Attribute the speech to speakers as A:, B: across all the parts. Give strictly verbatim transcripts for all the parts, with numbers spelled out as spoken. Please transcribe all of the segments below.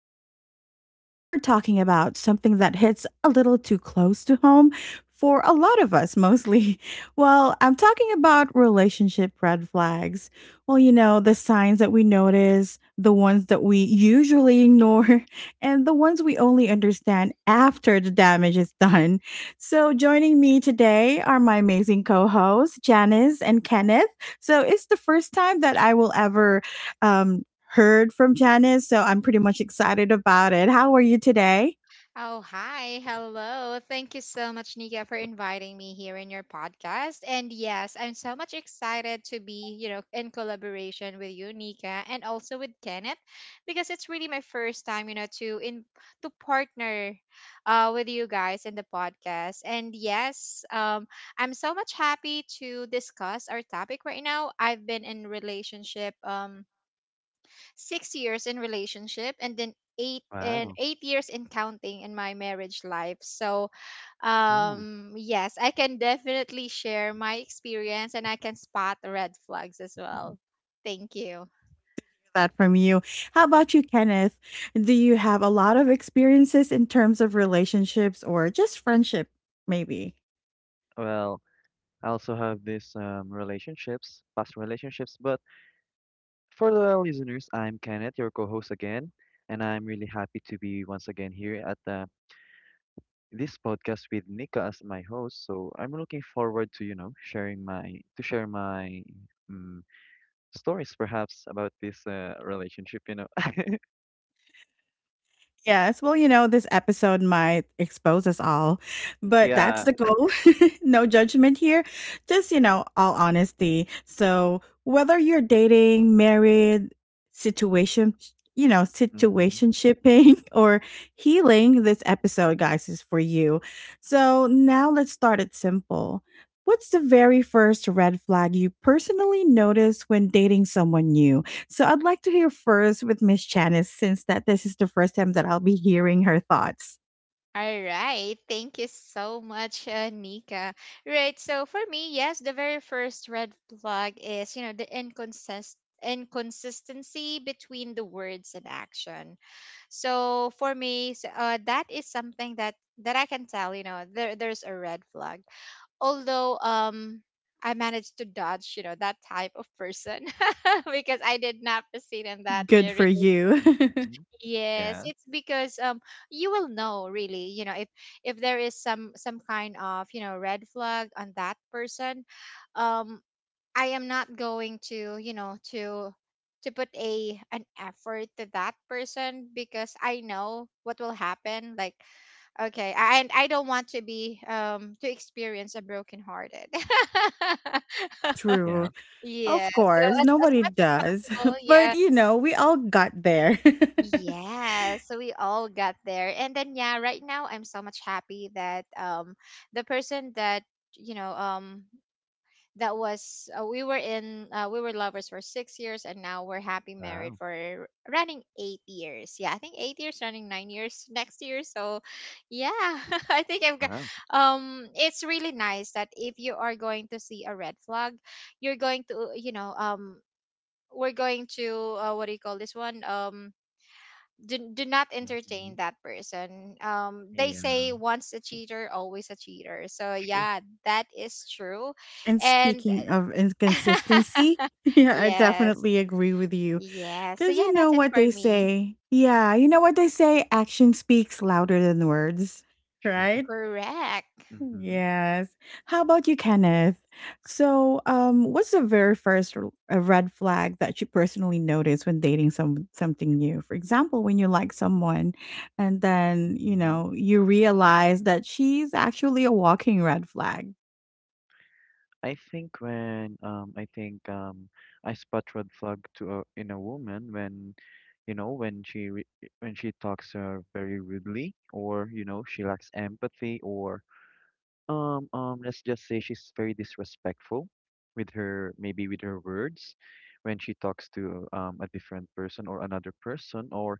A: I'm Nika, and today we're talking about something that hits a little too close to home for a lot of us, mostly. Well, I'm talking about relationship red flags. Well, you know, the signs that we notice, the ones that we usually ignore, and the ones we only understand after the damage is done. So, joining me today are my amazing co hosts, Janice and Kenneth. So, it's the first time that I will ever um, heard from Janice, so I'm pretty much excited about it. How are you today?
B: Oh, hi. Hello. Thank you so much, Nika, for inviting me here in your podcast. And yes, I'm so much excited to be, you know, in collaboration with you, Nika, and also with Kenneth, because it's really my first time, you know, to in to partner uh with you guys in the podcast. And yes, um I'm so much happy to discuss our topic right now. I've been in relationship, um six years in relationship, and then eight and
C: Wow,
B: eight years in counting in my marriage life. So
C: cool.
B: um yes, I can definitely share my experience, and I can spot red flags as
C: Mhm.
B: well. Thank you.
A: That from you. How about you, Kenneth? Do you have a lot of experiences in terms of relationships or just friendship, maybe?
C: Well, I also have this um, relationships, past relationships, but for the listeners, I'm Kenneth, your co-host again, and I'm really happy to be once again here at the, this podcast with Nika as my host. So I'm looking forward to, you know, sharing my to share my um, stories perhaps about this uh, relationship, you know.
A: Yes. Well, you know, this episode might expose us all, but that's
C: Yeah.
A: the goal. No judgment here. Just, you know, all honesty. So, whether you're dating, married, situation, you know,
C: Mm-hmm.
A: situationshipping or healing, this episode, guys, is for you. So, now let's start it simple. What's the very first red flag you personally notice when dating someone new? So I'd like to hear first with Miss Janice, since that this is the first time that I'll be hearing her thoughts.
B: All right, thank you so much, uh, Nika. Right, so for me, yes, the very first red flag is, you know, the inconsist inconsistency between the words and action. So for me, s- uh, that is something that that I can tell. You know, there there's a red flag. Although, um, I managed to dodge, you know, that type of person because I did not proceed in that,
A: Good for
B: really.
A: you.
C: Mm-hmm.
B: Yes,
C: Yeah.
B: it's because, um, you will know, really. You know, if if there is some some kind of, you know, red flag on that person, um, I am not going to, you know, to to put a an effort to that person because I know what will happen. Like, okay, I- and I don't want to be, um to experience a broken hearted.
C: Yeah.
A: True.
B: Yeah.
A: Of
B: So
A: course,
B: as as
A: nobody
B: much as
A: does.
B: possible, yeah.
A: But you know, we all got there.
B: Yeah, so we all got there. And then yeah, right now I'm so much happy that, um the person that, you know, um that was uh, we were in uh, we were lovers for six years, and now we're happy married
C: Wow.
B: for running eight years. Yeah, I think eight years running, nine years next year. So yeah. I think I've got
C: Wow.
B: um It's really nice that if you are going to see a red flag, you're going to, you know, um we're going to, uh, what do you call this one, um do, do not
C: Mm-hmm.
B: entertain that person. Um they
C: Yeah.
B: say once a cheater, always a cheater. So
C: True.
B: yeah, that is true.
A: And
B: And
A: speaking of inconsistency, yeah, I
B: yes.
A: definitely agree with you.
B: Yes. So
A: Because
B: yeah,
A: you know
B: that's it
A: what
B: for
A: they
B: me.
A: say. Yeah, you know what they say? Action speaks louder than words,
C: True.
A: right?
B: Correct.
C: Mm-hmm.
A: Yes. How about you, Kenneth? So, um, what's the very first r- uh, red flag that you personally notice when dating some something new? For example, when you like someone, and then you
C: Mhm.
A: know you realize that she's actually a walking red flag.
C: I think when um I think um I spot red flag to a, in a woman when you know when she re when she talks uh, very rudely, or you know, she lacks empathy, or um um let's just say she's very disrespectful with her, maybe with her words, when she talks to um a different person or another person, or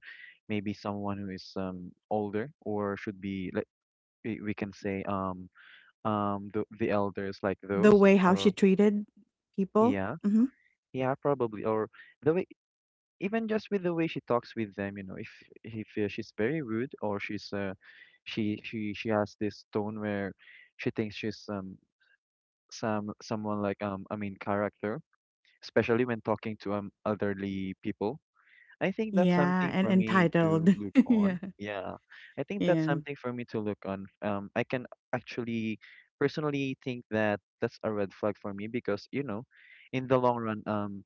C: maybe someone who is um older, or should be like, we we can say um um the, the elders, like
A: The
C: those,
A: way how she
C: or
A: treated people.
C: yeah.
A: Hmm.
C: Yeah, probably. Or the way, even just with the way she talks with them, you know, if if uh, she's very rude, or she's uh, she she she has this tone where she thinks she's um some someone, like um I mean character, especially when talking to um elderly people. I think that's
A: Yeah,
C: something
A: and
C: for me to
A: entitled.
C: look
A: Yeah,
C: on. Yeah, I think that's
A: yeah.
C: something for me to look on. Um, I can actually personally think that that's a red flag for me because, you know, in the long run, um,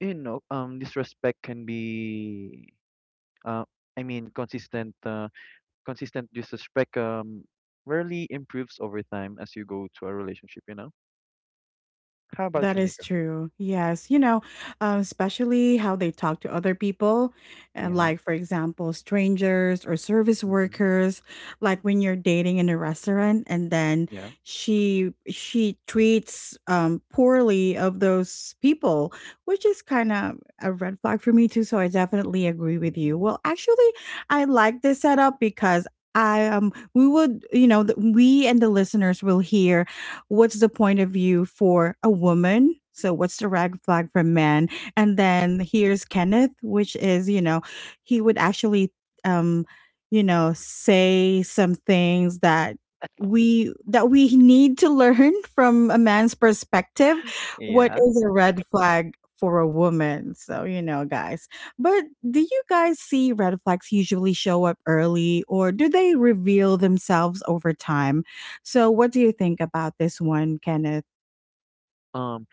C: you know, um, disrespect can be, uh, I mean, consistent, uh, consistent disrespect, um, rarely improves over time as you go to a relationship, you know? How about
A: That
C: you,
A: is
C: Nika?
A: true. Yes. You know, um, especially how they talk to other people, uh,
C: Yeah.
A: like, for example, strangers or service
C: Mm-hmm.
A: workers, like when you're dating in a restaurant and then
C: Yeah.
A: she she treats um, poorly of those people, which is kind of a red flag for me too. So I definitely agree with you.
C: Mm-hmm.
A: Well, actually, I like this setup because I um we would you know th- we and the listeners will hear what's the point of view for a woman? So what's the red flag for men? And then here's Kenneth, which is, you know, he would actually um, you know, say some things that we that we need to learn from a man's perspective. What
C: Yeah.
A: is a red flag for a woman, so, you know, guys, but do you guys see red flags usually show up early or do they reveal themselves over time? So, what do you think about this one, Kenneth?
C: Um,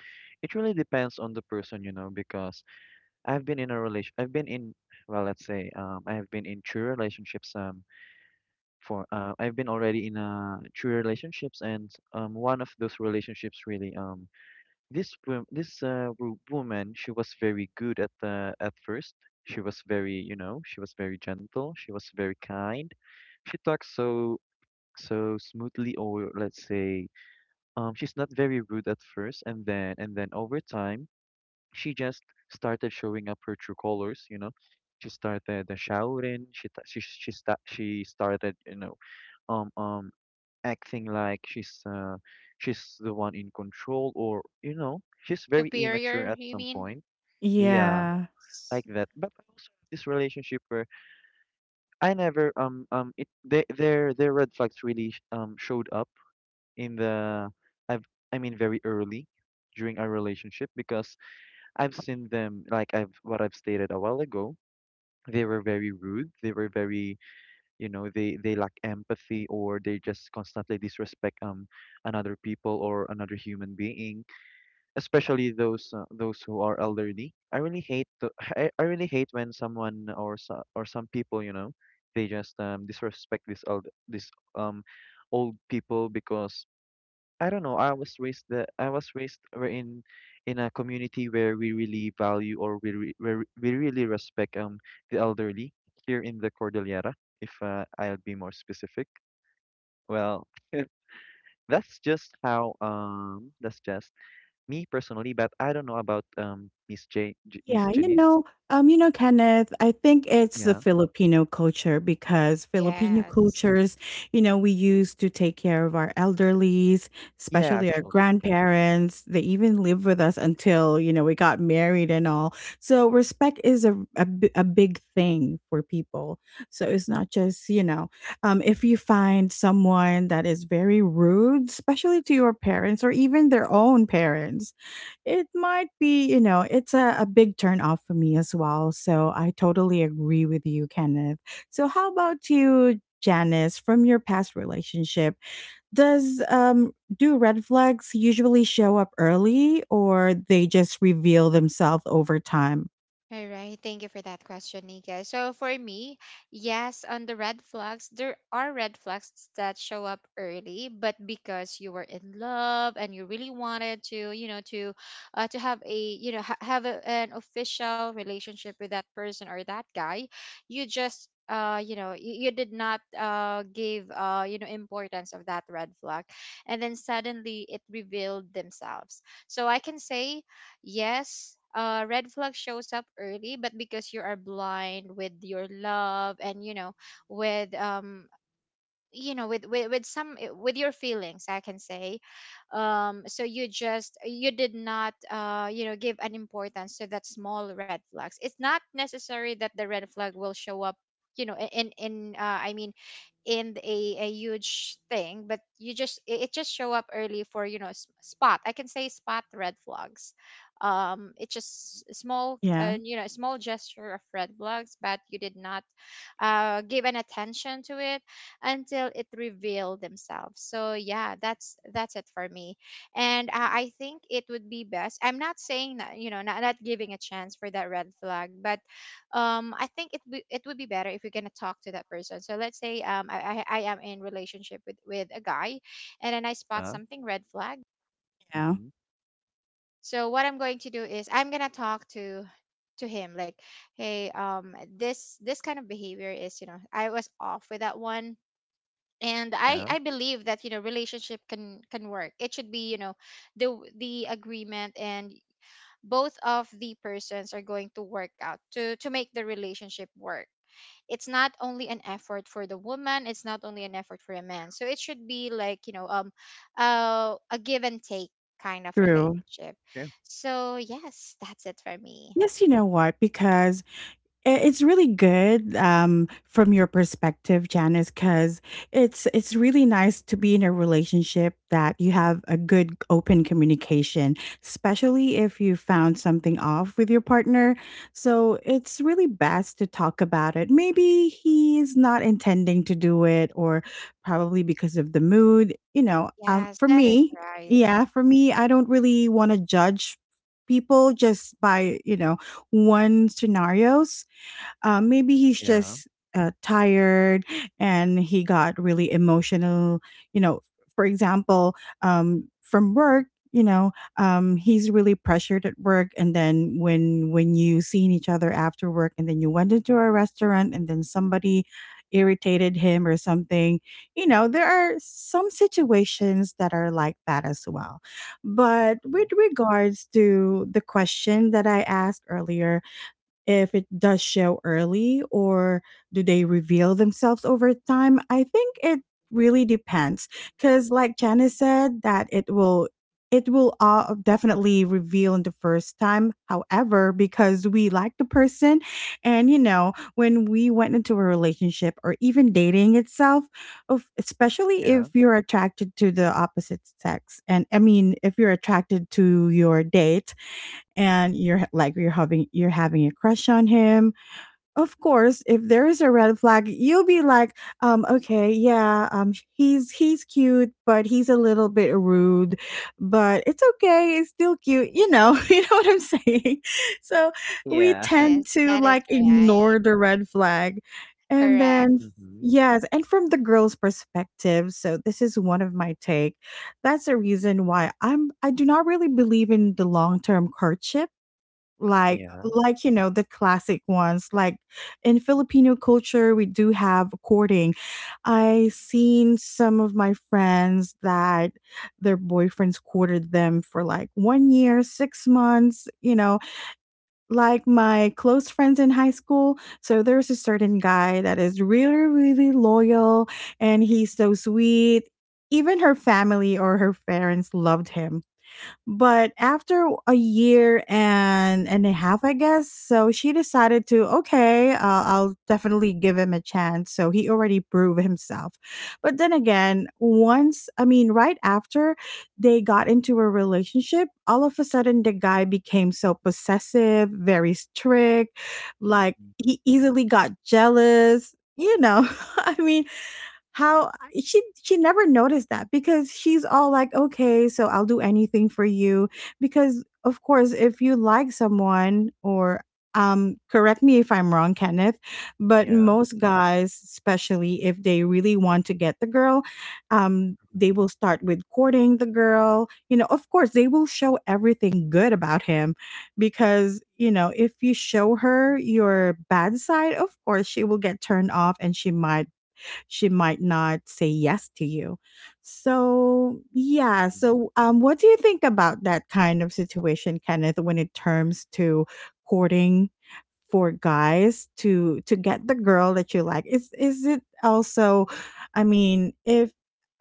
C: it really depends on the person, you know, because I've been in a relation, I've been in, well, let's say, um, I have been in true relationships, um, for, uh, I've been already in uh true relationships, and um, one of those relationships really, um, this wom- this uh wo- woman, she was very good at the at first. She was very, you know, she was very gentle. She was very kind. She talks so so smoothly, or let's say, um, she's not very rude at first, and then and then over time she just started showing up her true colors, you know. She started uh, shouting. She ta- she she sta she started, you know, um um acting like she's uh she's the one in control, or you know, she's very
B: Superior,
C: immature at
B: you
C: some
B: mean?
C: point. Yeah,
A: Yeah.
B: S-
C: like that. But I also have this relationship where I never um um it they, their their red flags really sh- um showed up in the I've I mean very early during our relationship because I've seen them, like I've, what I've stated a while ago. They were very rude. They were very, you know, they they lack empathy, or they just constantly disrespect um another people or another human being, especially those uh, those who are elderly. I really hate the, I, I really hate when someone or so, or some people, you know, they just um disrespect this old this um old people because I don't know. I was raised the I was raised we're in in a community where we really value, or we re, where we really respect um the elderly here in the Cordillera. If uh, I'll be more specific, well, that's just how um that's just me personally. But I don't know about um Miss J, J Miss
A: Yeah, you
C: Janice.
A: know, um, you know, Kenneth, I think it's the
C: Yeah,
A: Filipino culture because Filipino
B: Yes.
A: cultures, you know, we used to take care of our elderlies,
C: yeah,
A: especially our
C: actually.
A: grandparents. They even lived with us until, you know, we got married and all. So respect is a, a, b- a big thing for people. So it's not just, you know, um, if you find someone that is very rude, especially to your parents or even their own parents, it might be, you know, it's a, a big turn off for me as well. So I totally agree with you, Kenneth. So how about you, Janice, from your past relationship? Does um Do red flags usually show up early or they just reveal themselves over time?
B: All right. Thank you for that question, Nika. So for me, yes, on the red flags, there are red flags that show up early, but because you were in love and you really wanted to, you know, to uh, to have a, you know, ha- have a, an official relationship with that person or that guy, you just, uh you know, you, you did not, uh give, uh you know, importance of that red flag, and then suddenly it revealed themselves. So I can say, yes, uh, red flag shows up early, but because you are blind with your love and, you know, with, um, you know, with, with, with some eh, with your feelings, I can say, um, so you just, you did not, uh, you know, give an importance to that small red flags. It's not necessary that the red flag will show up, you know, in in in, uh, I mean, in a, a huge thing, but you just, it it just show up early for, you know, s- spot, I can say, spot red flags. Um it's just s- small,
A: Yeah,
B: uh, you know, small gesture of red flags, but you did not, uh give an attention to it until it revealed themselves. So yeah, that's that's it for me. And, uh, I think it would be best I'm not saying that, you know, not, not giving a chance for that red flag, but, um I think it be, it would be better if you're going to talk to that person. So let's say, um I, I i am in relationship with with a guy, and then I spot
C: Yeah.
B: something red flag.
A: yeah.
C: Mm-hmm.
B: So what I'm going to do is I'm going to talk to to him, like, hey, um this, this kind of behavior is, you know, I was off with that one. And i
C: Yeah.
B: I believe that, you know, relationship can can work. It should be, you know, the the agreement, and both of the persons are going to work out to to make the relationship work. It's not only an effort for the woman, it's not only an effort for a man. So it should be like, you know, um uh, a give and take kind of
A: True.
B: relationship.
C: Yeah.
B: So yes, that's it for me.
A: Yes, you know what? Because I- it's really good um, from your perspective, Janice, because it's it's really nice to be in a relationship that you have a good open communication, especially if you found something off with your partner. So it's really best to talk about it. Maybe he's not intending to do it, or probably because of the mood, you know um,
B: Yes,
A: for
B: that is
A: me.
B: right.
A: Yeah, for me, I don't really want to judge people just by, you know one scenarios. Uh, maybe he's
C: Yeah.
A: just uh, tired and he got really emotional. You know, for example, um, from work, you know, um, he's really pressured at work, and then when when you seen each other after work, and then you went into a restaurant, and then somebody irritated him or something. You know, there are some situations that are like that as well. But with regards to the question that I asked earlier, if it does show early or do they reveal themselves over time? I think it really depends because, like Janice said, that it will it will uh, definitely reveal in the first time. However, because we like the person, and you know when we went into a relationship or even dating itself, of- especially if you're attracted to the opposite sex, and I mean, if you're attracted to your date, and you're like, you're having you're having a crush on him. Of course, if there is a red flag, you'll be like, um okay, yeah, um he's he's cute, but he's a little bit rude, but it's okay, it's still cute you know You know what I'm saying? So we
B: Yes,
A: tend to
B: that is
A: like
B: right.
A: ignore the red flag. And
B: Correct.
A: then
C: Mhm.
A: yes, and from the girl's perspective, so this is one of my take. That's a reason why i'm i do not really believe in the long-term courtship,
C: Yeah.
A: like
C: Yeah.
A: like you know the classic ones, like in Filipino culture we do have courting. I seen some of my friends that their boyfriends courted them for like one year six months, you know like my close friends in high school. So there's a certain guy that is really really loyal, and he's so sweet. Even her family or her parents loved him. But after a year and and a half, I guess, so she decided to, okay, uh, I'll definitely give him a chance. So he already proved himself. But then again, once, I mean, right after they got into a relationship, all of a sudden the guy became so possessive, very strict, like
C: Mm-hmm.
A: he easily got jealous. You know, I mean, how she she never noticed that because she's all like, "Okay, so I'll do anything for you." Because of course, if you like someone, or um correct me if I'm wrong, Kenneth, but
C: Yeah. Mm-hmm. Yeah.
A: most guys, especially if they really want to get the girl, um they
C: Mm-hmm.
A: will start with courting the girl. You know, of course, they will show everything good about him, because you know if you show her your bad side, of course she will get turned off, and she might she might not say yes to you. So, yeah.
C: Mm-hmm.
A: So, um, what do you think about that kind of situation, Kenneth, when it terms to courting for guys to to get the girl that you like? Is is it also? I mean, if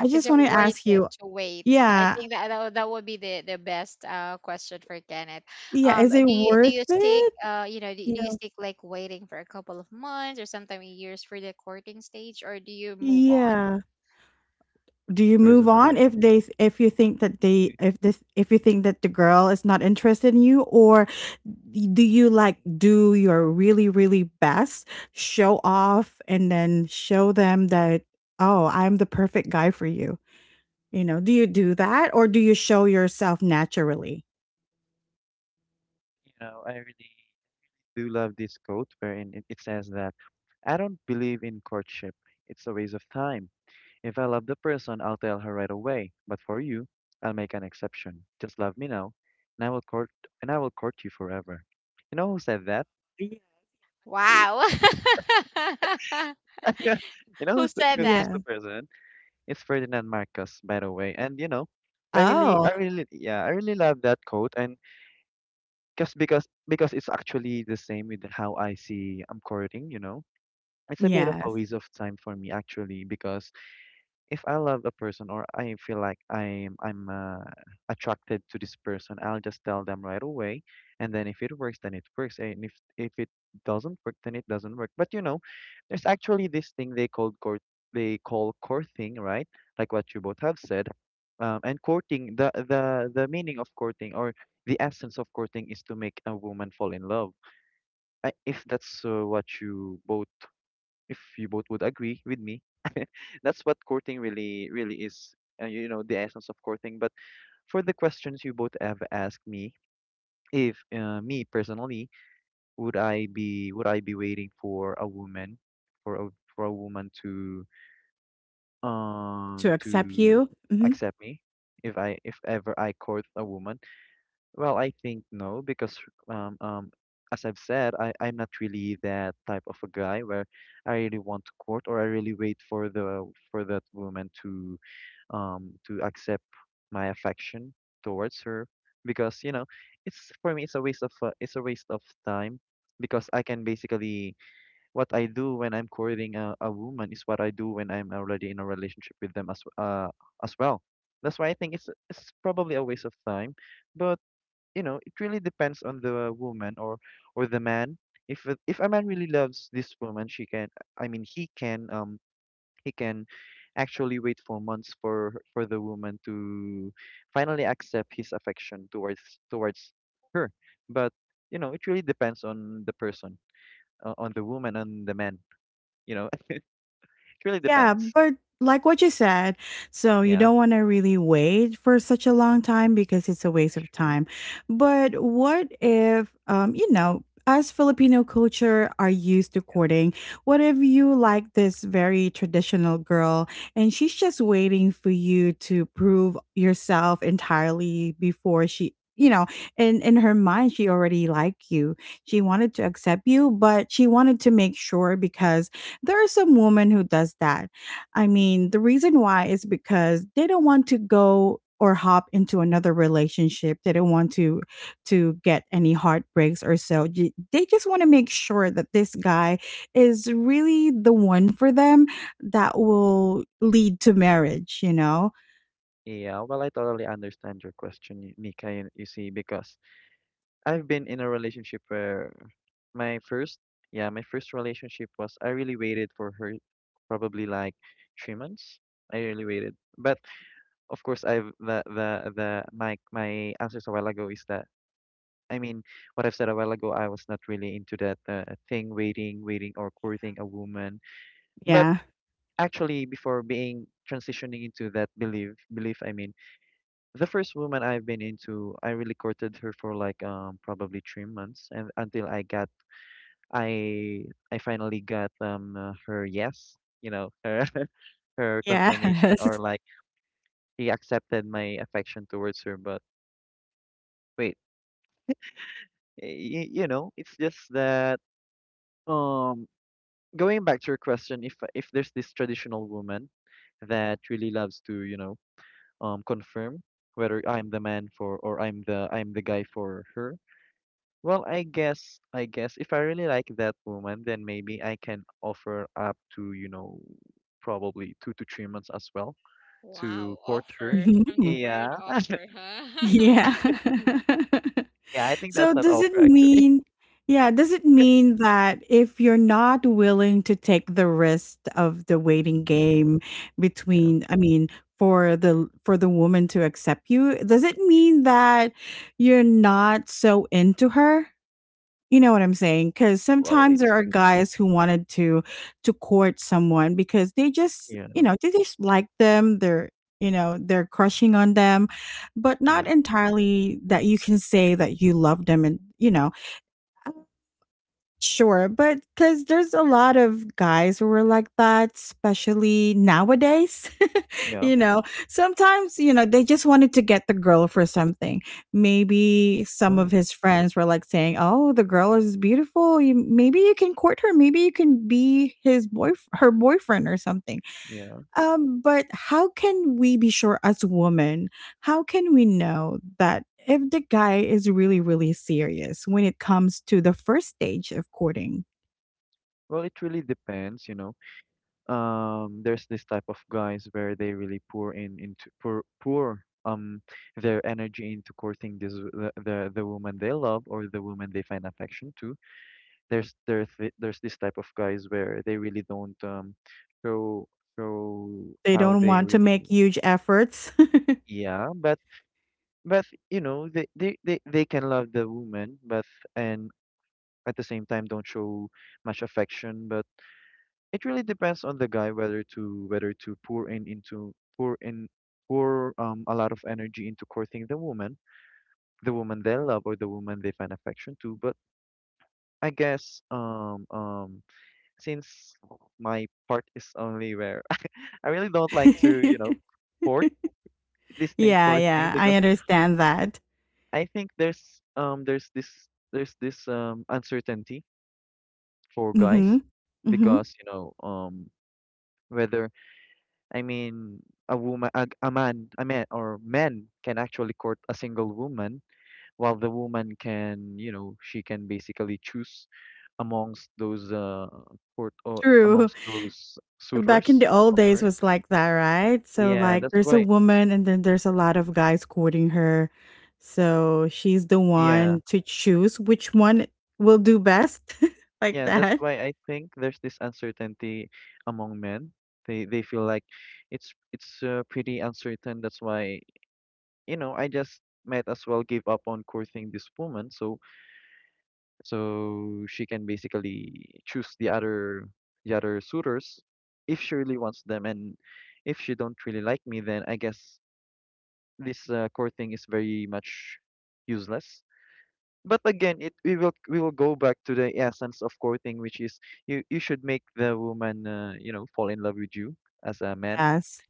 A: I
B: Is
A: just
B: it
A: want to
B: worth
A: ask
B: it
A: you,
B: to wait? I
A: yeah,
B: think that that, would- that would be the, the best, uh, question for Kenneth.
A: yeah,
B: Um,
A: is it
B: do you do
A: worth
B: you stick,
A: it?
B: uh you know, do, do you
A: Yeah.
B: stick like waiting for a couple of months or sometimes years for the courting stage, or do you move on?
A: Yeah. Do you move on
C: Personally,
A: if they, if you think that they if this if you think that the girl is not interested in you, or do you like do your really really best, show off and then show them that, "Oh, I'm the perfect guy for you," you know do you do that, or do you show yourself naturally?
C: you know, I really do love this quote wherein it, it says that, "I don't believe in courtship. It's a waste of time. If I love the person, I'll tell her right away. But for you, I'll make an exception. Just love me now, and I will court and I will court you forever." You know who said that?
A: Yeah.
C: It-
B: Wow.
C: you know
B: Who
C: who's the,
B: said
C: who's,
B: that?
C: who's
A: Yeah.
C: the person? It's Ferdinand Marcos, by the way. And you know, I really,
A: Oh,
C: I really, yeah, I really love that quote. And just because because it's actually the same with how I see I'm courting. You know, it's a bit of a
A: yes.
C: waste of time for me actually, because if I love a person, or I feel like I'm I'm uh, attracted to this person, I'll just tell them right away, and then if it works, then it works, and if if it doesn't work, then it doesn't work. But you know, there's actually this thing they call court they call courting, right? Like what you both have said. Um, and courting the the the meaning of courting, or the essence of courting, is to make a woman fall in love. I, if that's uh, what you both, if you both would agree with me. That's what courting really, really is, uh, you know, the essence of courting. But for the questions you both have asked me, if uh, me personally, would I be would I be waiting for a woman, for a for a woman to
A: To
C: um
A: accept
C: to
A: you? Mhm.
C: accept me if I, if ever I court a woman? Well, I think no, because um, um, as I've said, I, I'm not really that type of a guy where I really want to court, or I really wait for the for that woman to um to accept my affection towards her, because you know, it's for me it's a waste of uh, it's a waste of time, because I can basically, what I do when I'm courting a, a woman is what I do when I'm already in a relationship with them, as uh as well. That's why I think it's it's probably a waste of time, but you know, it really depends on the woman, or or the man. If a- if a man really loves this woman, she can I mean he can um he can actually wait for months for her- for the woman to finally accept his affection towards towards her. But you know, it really depends on the person, uh, on the woman and the man, you know. It really
A: Yeah,
C: depends.
A: but like what you said, so you
C: Yeah.
A: don't wanna really wait for such a long
C: Hmm.
A: time because it's a waste of
C: Sure.
A: time. But what if, um, you know, us Filipino culture are used to courting. What if you like this very traditional girl, and she's just waiting for you to prove yourself entirely before she, you know, in in her mind she already liked you. She wanted to accept you, but she wanted to make sure, because there are some women who does that. I mean, the reason why is because they don't want to go or hop into another relationship. They don't want to to get any heartbreaks or so. J- They just want to make sure that this guy is really the one for them that will lead to marriage, you know?
C: Yeah, well I totally understand your question, Nika. you, you see, because I've been in a relationship where my first, yeah, my first relationship was, I really waited for her probably like three months. I really waited. But of course, I've the the the my my answers a while ago is that, I mean what I've said a while ago, I was not really into that uh, thing, waiting waiting or courting a woman. But
A: Yeah.
C: actually, before being transitioning into that belief belief I mean, the first woman I've been into, I really courted her for like um probably three months, and until I got, I I finally got um uh, her yes, you know, her her confirmation,
A: Yes.
C: or like she accepted my affection towards her. But wait, y you know, it's just that um, going back to your question, if if there's this traditional woman that really loves to, you know, um confirm whether I'm the man for, or I'm the, I'm the guy for her. Well, I guess, I guess if I really like that woman, then maybe I can offer up to, you know, probably two to three months as well to
B: Wow,
C: court her.
B: offer from the
A: Mhm.
B: word
C: Yeah.
B: offer, huh?
A: Yeah.
C: Yeah, I think
A: So
C: that's not
A: does it
C: offer actually.
A: mean yeah, does it mean that if you're not willing to take the risk of the waiting
C: Hmm.
A: game
C: Yeah.
A: between, I mean, for the for the woman to accept you, does it mean that you're not so into her? You know what I'm saying? saying? Because
C: Well,
A: sometimes
C: it's
A: there are guys who wanted to to court someone because they just, you
C: yeah,
A: know, they just like them, they're, you know, they're crushing on them, but not
C: yeah,
A: entirely that you can say that you love them and, you know Sure, but because there's a lot of guys who are like that, especially nowadays.
C: yeah.
A: you know, Sometimes, you know, they just wanted to get the girl for something. Maybe some of
C: Oh,
A: his friends were like saying, "Oh, the girl is beautiful. You, maybe you can court her. Maybe you can be his boy, her boyfriend or something."
C: yeah.
A: Um, but how can we be sure as women? How can we know that if the guy is really, really serious when it comes to the first stage of courting?
C: Well, it really depends, you know. Um, there's this type of guys where they really pour in into pour pour um their energy into courting this the the, the woman they love, or the woman they find affection to. There's there's thi- there's this type of guys where they really don't um show show
A: They
C: how
A: don't
C: they
A: want to
C: really
A: make huge efforts.
C: yeah, but but you know, they they they, they can love the woman, but, and at the same time, don't show much affection. But it really depends on the guy, whether to, whether to pour in into pour in pour um a lot of energy into courting the woman, the woman they love or the woman they find affection to. But I guess um um since my part is only where I really don't like to,
A: Yeah,
C: you know, court this thing court thing,
A: yeah, I
C: because
A: understand that.
C: I think there's um there's this there's this um uncertainty for
A: Mm-hmm.
C: guys,
A: Mm-hmm.
C: because you know um, whether, I mean, a woman, a, a man, a man or men can actually court a single woman, while the woman can, you know, she can basically choose amongst those uh court or
A: True.
C: amongst those
A: Back in
C: suitors
A: the old
C: of
A: days
C: hers.
A: was like that, right? So
C: Yeah,
A: like
C: that's
A: there's a
C: why.
A: woman and then there's a lot of guys courting her. So she's the
C: Yeah,
A: one to choose which one will do best like
C: yeah, that's
A: that.
C: why I think there's this uncertainty among men. They they feel like it's it's uh, pretty uncertain. That's why, you know, I just might as well give up on courting this woman. So So she can basically choose the other the other suitors if she really wants them, and if she don't really like me, then I guess this uh, core thing is very much useless. But again, it we will we will go back to the essence of core thing, which is you you should make the woman uh, you know fall in love with you as a man.
A: Yes.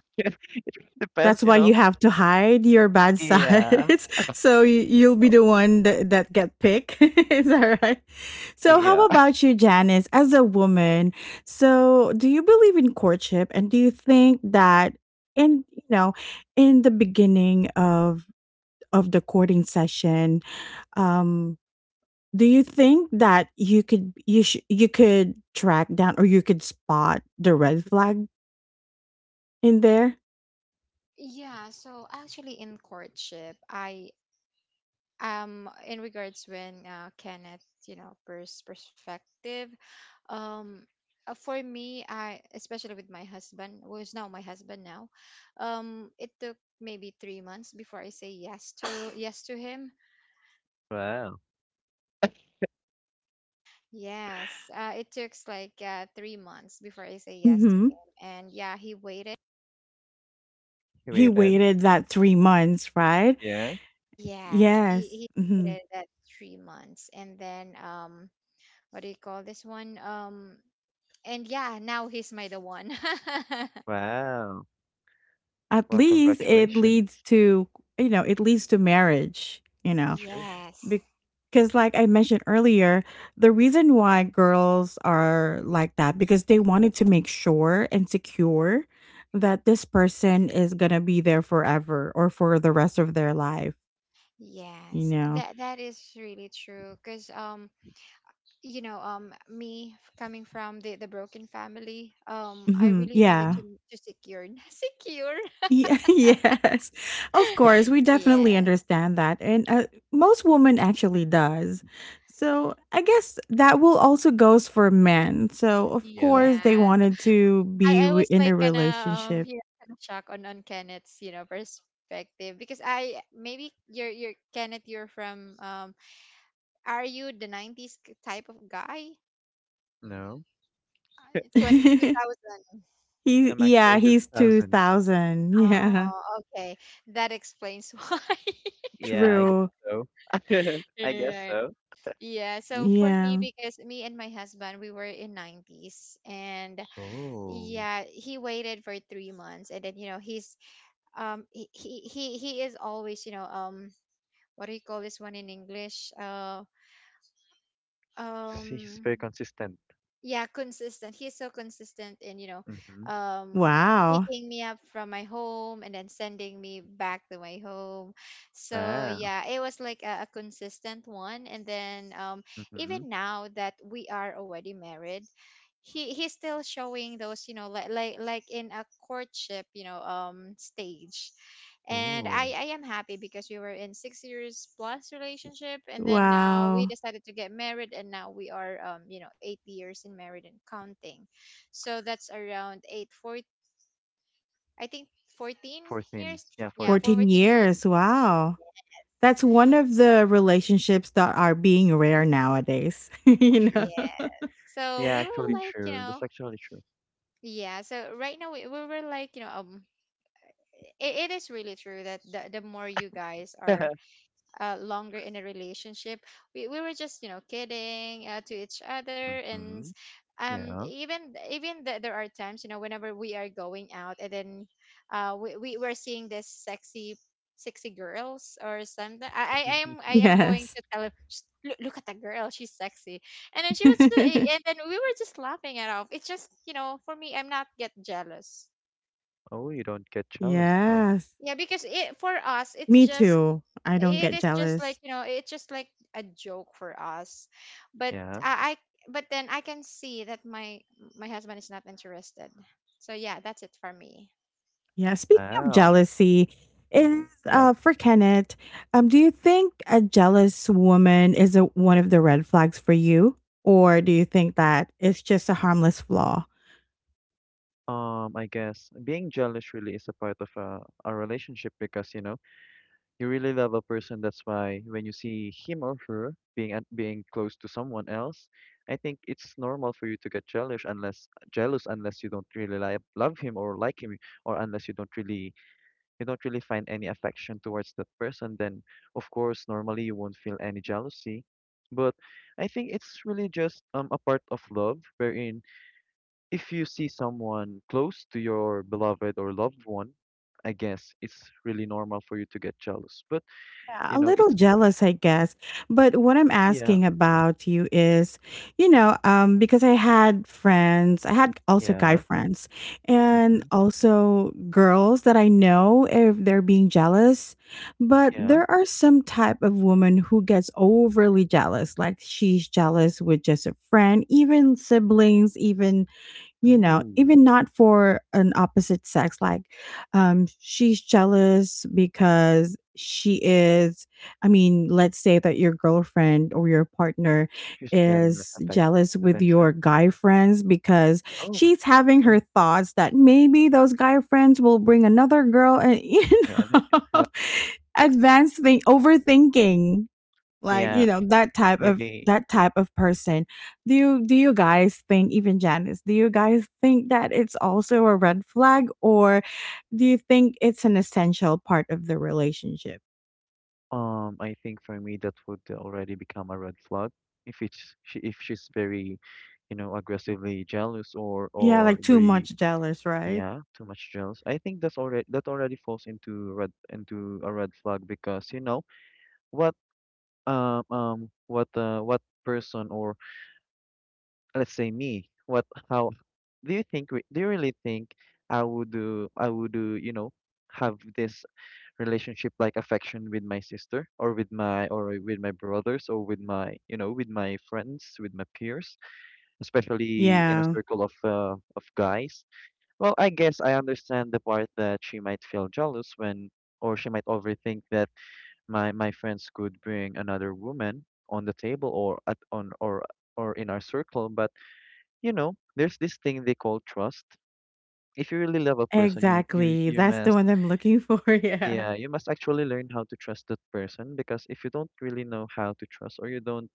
A: That's
C: Depends, you
A: why
C: know.
A: you have to hide your bad
C: Yeah,
A: sides. So you, you'll be the one that, that get picked. Is that right? So, how
C: yeah.
A: about you, Janice, as a woman? So, do you believe in courtship? And do you think that in you know, in the beginning of of the courting session, um, do you think that you could you sh- you could track down or you could spot the red flag in there?
B: Yeah, so actually in courtship, I um in regards when, uh, Kenneth, you know, pers- perspective, um uh, for me, I, especially with my husband, who is now my husband now, um it took maybe three months before I say yes to, yes to him.
C: Wow,
B: Yes, uh, it took like, uh, three months before I say yes to
A: Mm-hmm.
B: him, and yeah, he waited.
C: you
A: He
C: waited.
A: waited that three months, right?
C: Yeah.
B: Yes, he
A: Yes.
B: he
A: Mm-hmm.
B: waited that three months, and then, um, what do you call this one? Um, and yeah, now he's my the one.
C: Wow.
A: At
C: Well,
A: least it
C: congratulations.
A: leads to you know it leads to marriage. You know.
C: True.
B: Yes.
A: Because, like I mentioned earlier, the reason why girls are like that because they wanted to make sure and secure that this person is gonna be there forever or for the rest of their life. You
B: Yes.
A: know?
B: That that is really true, cuz, um you know, um me, f- coming from the the broken family, um I
A: Hmm.
B: really wanted
A: Yeah.
B: to
C: Mm,
B: to secure secure.
A: Yeah, yes, of course, we
B: Yeah.
A: definitely understand that, and uh, most women actually does. So I guess that will also goes for men. So of
C: Yeah.
A: course they
B: Yes.
A: wanted to be
B: I I
A: w-
B: was
A: in
B: like
A: a
B: kind of, um
A: relationship.
B: yeah, kind of shocked on on Kenneth's, you know, perspective, because I maybe you're you're Kenneth, you're from, um are you the nineties, k- type of guy?
C: No,
B: Twenty Two thousand.
A: He
C: I'm actually
A: yeah,
C: the
A: he's
C: two thousands.
A: two thousand. Yeah.
B: Oh, okay. That explains why.
C: Yeah, I guess
A: True.
C: so. I guess
B: Right.
C: so.
B: Yeah. So for me,
A: Yeah.
B: because me and my husband, we were in nineties, and
C: Oh,
B: yeah, he waited for three months, and then, you know, he's um he he he he is always, you know, um what do you call this one in English, uh
C: see, he's
B: um
C: very consistent.
B: yeah, consistent. He's so consistent in, you know,
C: Mm-hmm.
B: um,
A: Wow.
B: picking me up from my home and then sending me back to my home. So
C: Wow.
B: yeah, it was like a, a consistent one. And then, um,
C: Mm-hmm.
B: even now that we are already married, he he's still showing those, you know, like like like in a courtship, you know, um stage. And i
C: Oh,
B: I am happy, because we were in six years plus relationship, and then now we
A: Wow.
B: decided to get married, and now we are, um you know, eight years in married and counting. So that's around eight four, I think, fourteen
C: fourteen.
B: years.
C: Yeah,
B: Yeah,
C: fourteen.
A: fourteen
B: fourteen years.
A: years. Wow. That's one of the relationships that are being rare nowadays, you know.
C: True.
B: Yes, so we
C: Yeah,
B: were
C: actually
B: like, you
C: true.
B: know,
C: That's actually true.
B: yeah, so right now we, we were like, you know, um it, it is really true that the, the more you guys are, uh, longer in a relationship. We, we were just, you know, kidding, uh, to each other. And,
C: Mm-hmm.
B: um
C: Yeah.
B: even even th- there are times, you know, whenever we are going out, and then uh we, we were seeing this sexy sexy girls or something. i i I am i am going
A: Yes.
B: to tell him, "Sh- look, look at that girl, she's sexy." And then she was just, and then we were just laughing it off. It's just, you know, for me, I'm not get jealous.
C: Oh, you don't get jealous, huh?
A: Yes.
B: Yeah, because, it for us, it's
A: Me
B: just
A: too. I don't
B: it
A: get
B: is just like,
A: jealous.
B: you know, it's just like a joke for us. But
C: Yeah.
B: I, I but then I can see that my my husband is not interested. So yeah, that's it for me.
A: Yeah. Speaking of
C: Wow.
A: jealousy, is
C: Yeah.
A: uh for Kenneth, um, do you think a jealous woman is a, one of the red flags for you, or do you think that it's just a harmless flaw?
C: Um, I guess being jealous really is a part of a, a relationship because, you know, You really love a person. That's why when you see him or her being at, being close to someone else, I think it's normal for you to get jealous unless jealous unless you don't really li love him or like him, or unless you don't really you don't really find any affection towards that person. Then of course normally you won't feel any jealousy. But I think it's really just um, a part of love, wherein if you see someone close to your beloved or loved one, I guess it's really normal for you to get jealous. But
A: Yeah,
C: you
A: a
C: know,
A: little
C: it's
A: jealous, I guess. But what I'm
C: yeah,
A: asking about you is, you know, um, because I had friends, I had also guy
C: yeah,
A: friends
C: hmm,
A: and also girls that I know if they're being jealous. But
C: yeah.
A: there are some type of woman who gets overly jealous, like she's jealous with just a friend, even siblings, even you know
C: Ooh,
A: even not for an opposite sex like um she's jealous because she is i mean let's say that your girlfriend or your partner
C: she's getting less
A: is
C: affect
A: jealous with your
C: attention.
A: guy friends because
C: Oh,
A: she's having
C: oh,
A: her thoughts that maybe those guy friends will bring another girl and you
C: yeah, there,
A: know advanced thing overthinking like
C: yeah.
A: you know that type of
C: Maybe,
A: that type of person do you do you guys think even janice do you guys think that it's also a red flag or do you think it's an essential part of the relationship
C: um, I think for me that would already become a red flag if it's she, if she's very, you know, aggressively jealous or
A: yeah
C: or
A: like too
C: very,
A: much jealous right
C: yeah, too much jealous. I think that's already that already falls into red into a red flag. Because you know what um um what uh what person, or let's say me, what how do you think re- do you really think I would do I would do, you know, have this relationship, like affection with my sister, or with my or with my brothers, or with my you know with my friends, with my peers, especially in a
A: Yeah.
C: circle of uh, of guys. Well, I guess I understand the part that she might feel jealous when, or she might overthink that my my friends could bring another woman on the table, or at on or or in our circle. But you know, there's this thing they call trust. If you really love a person, you you
A: Exactly,
C: you
A: that's the
C: must
A: one I'm looking for yeah.
C: yeah, you must actually learn how to trust that person, because if you don't really know how to trust, or you don't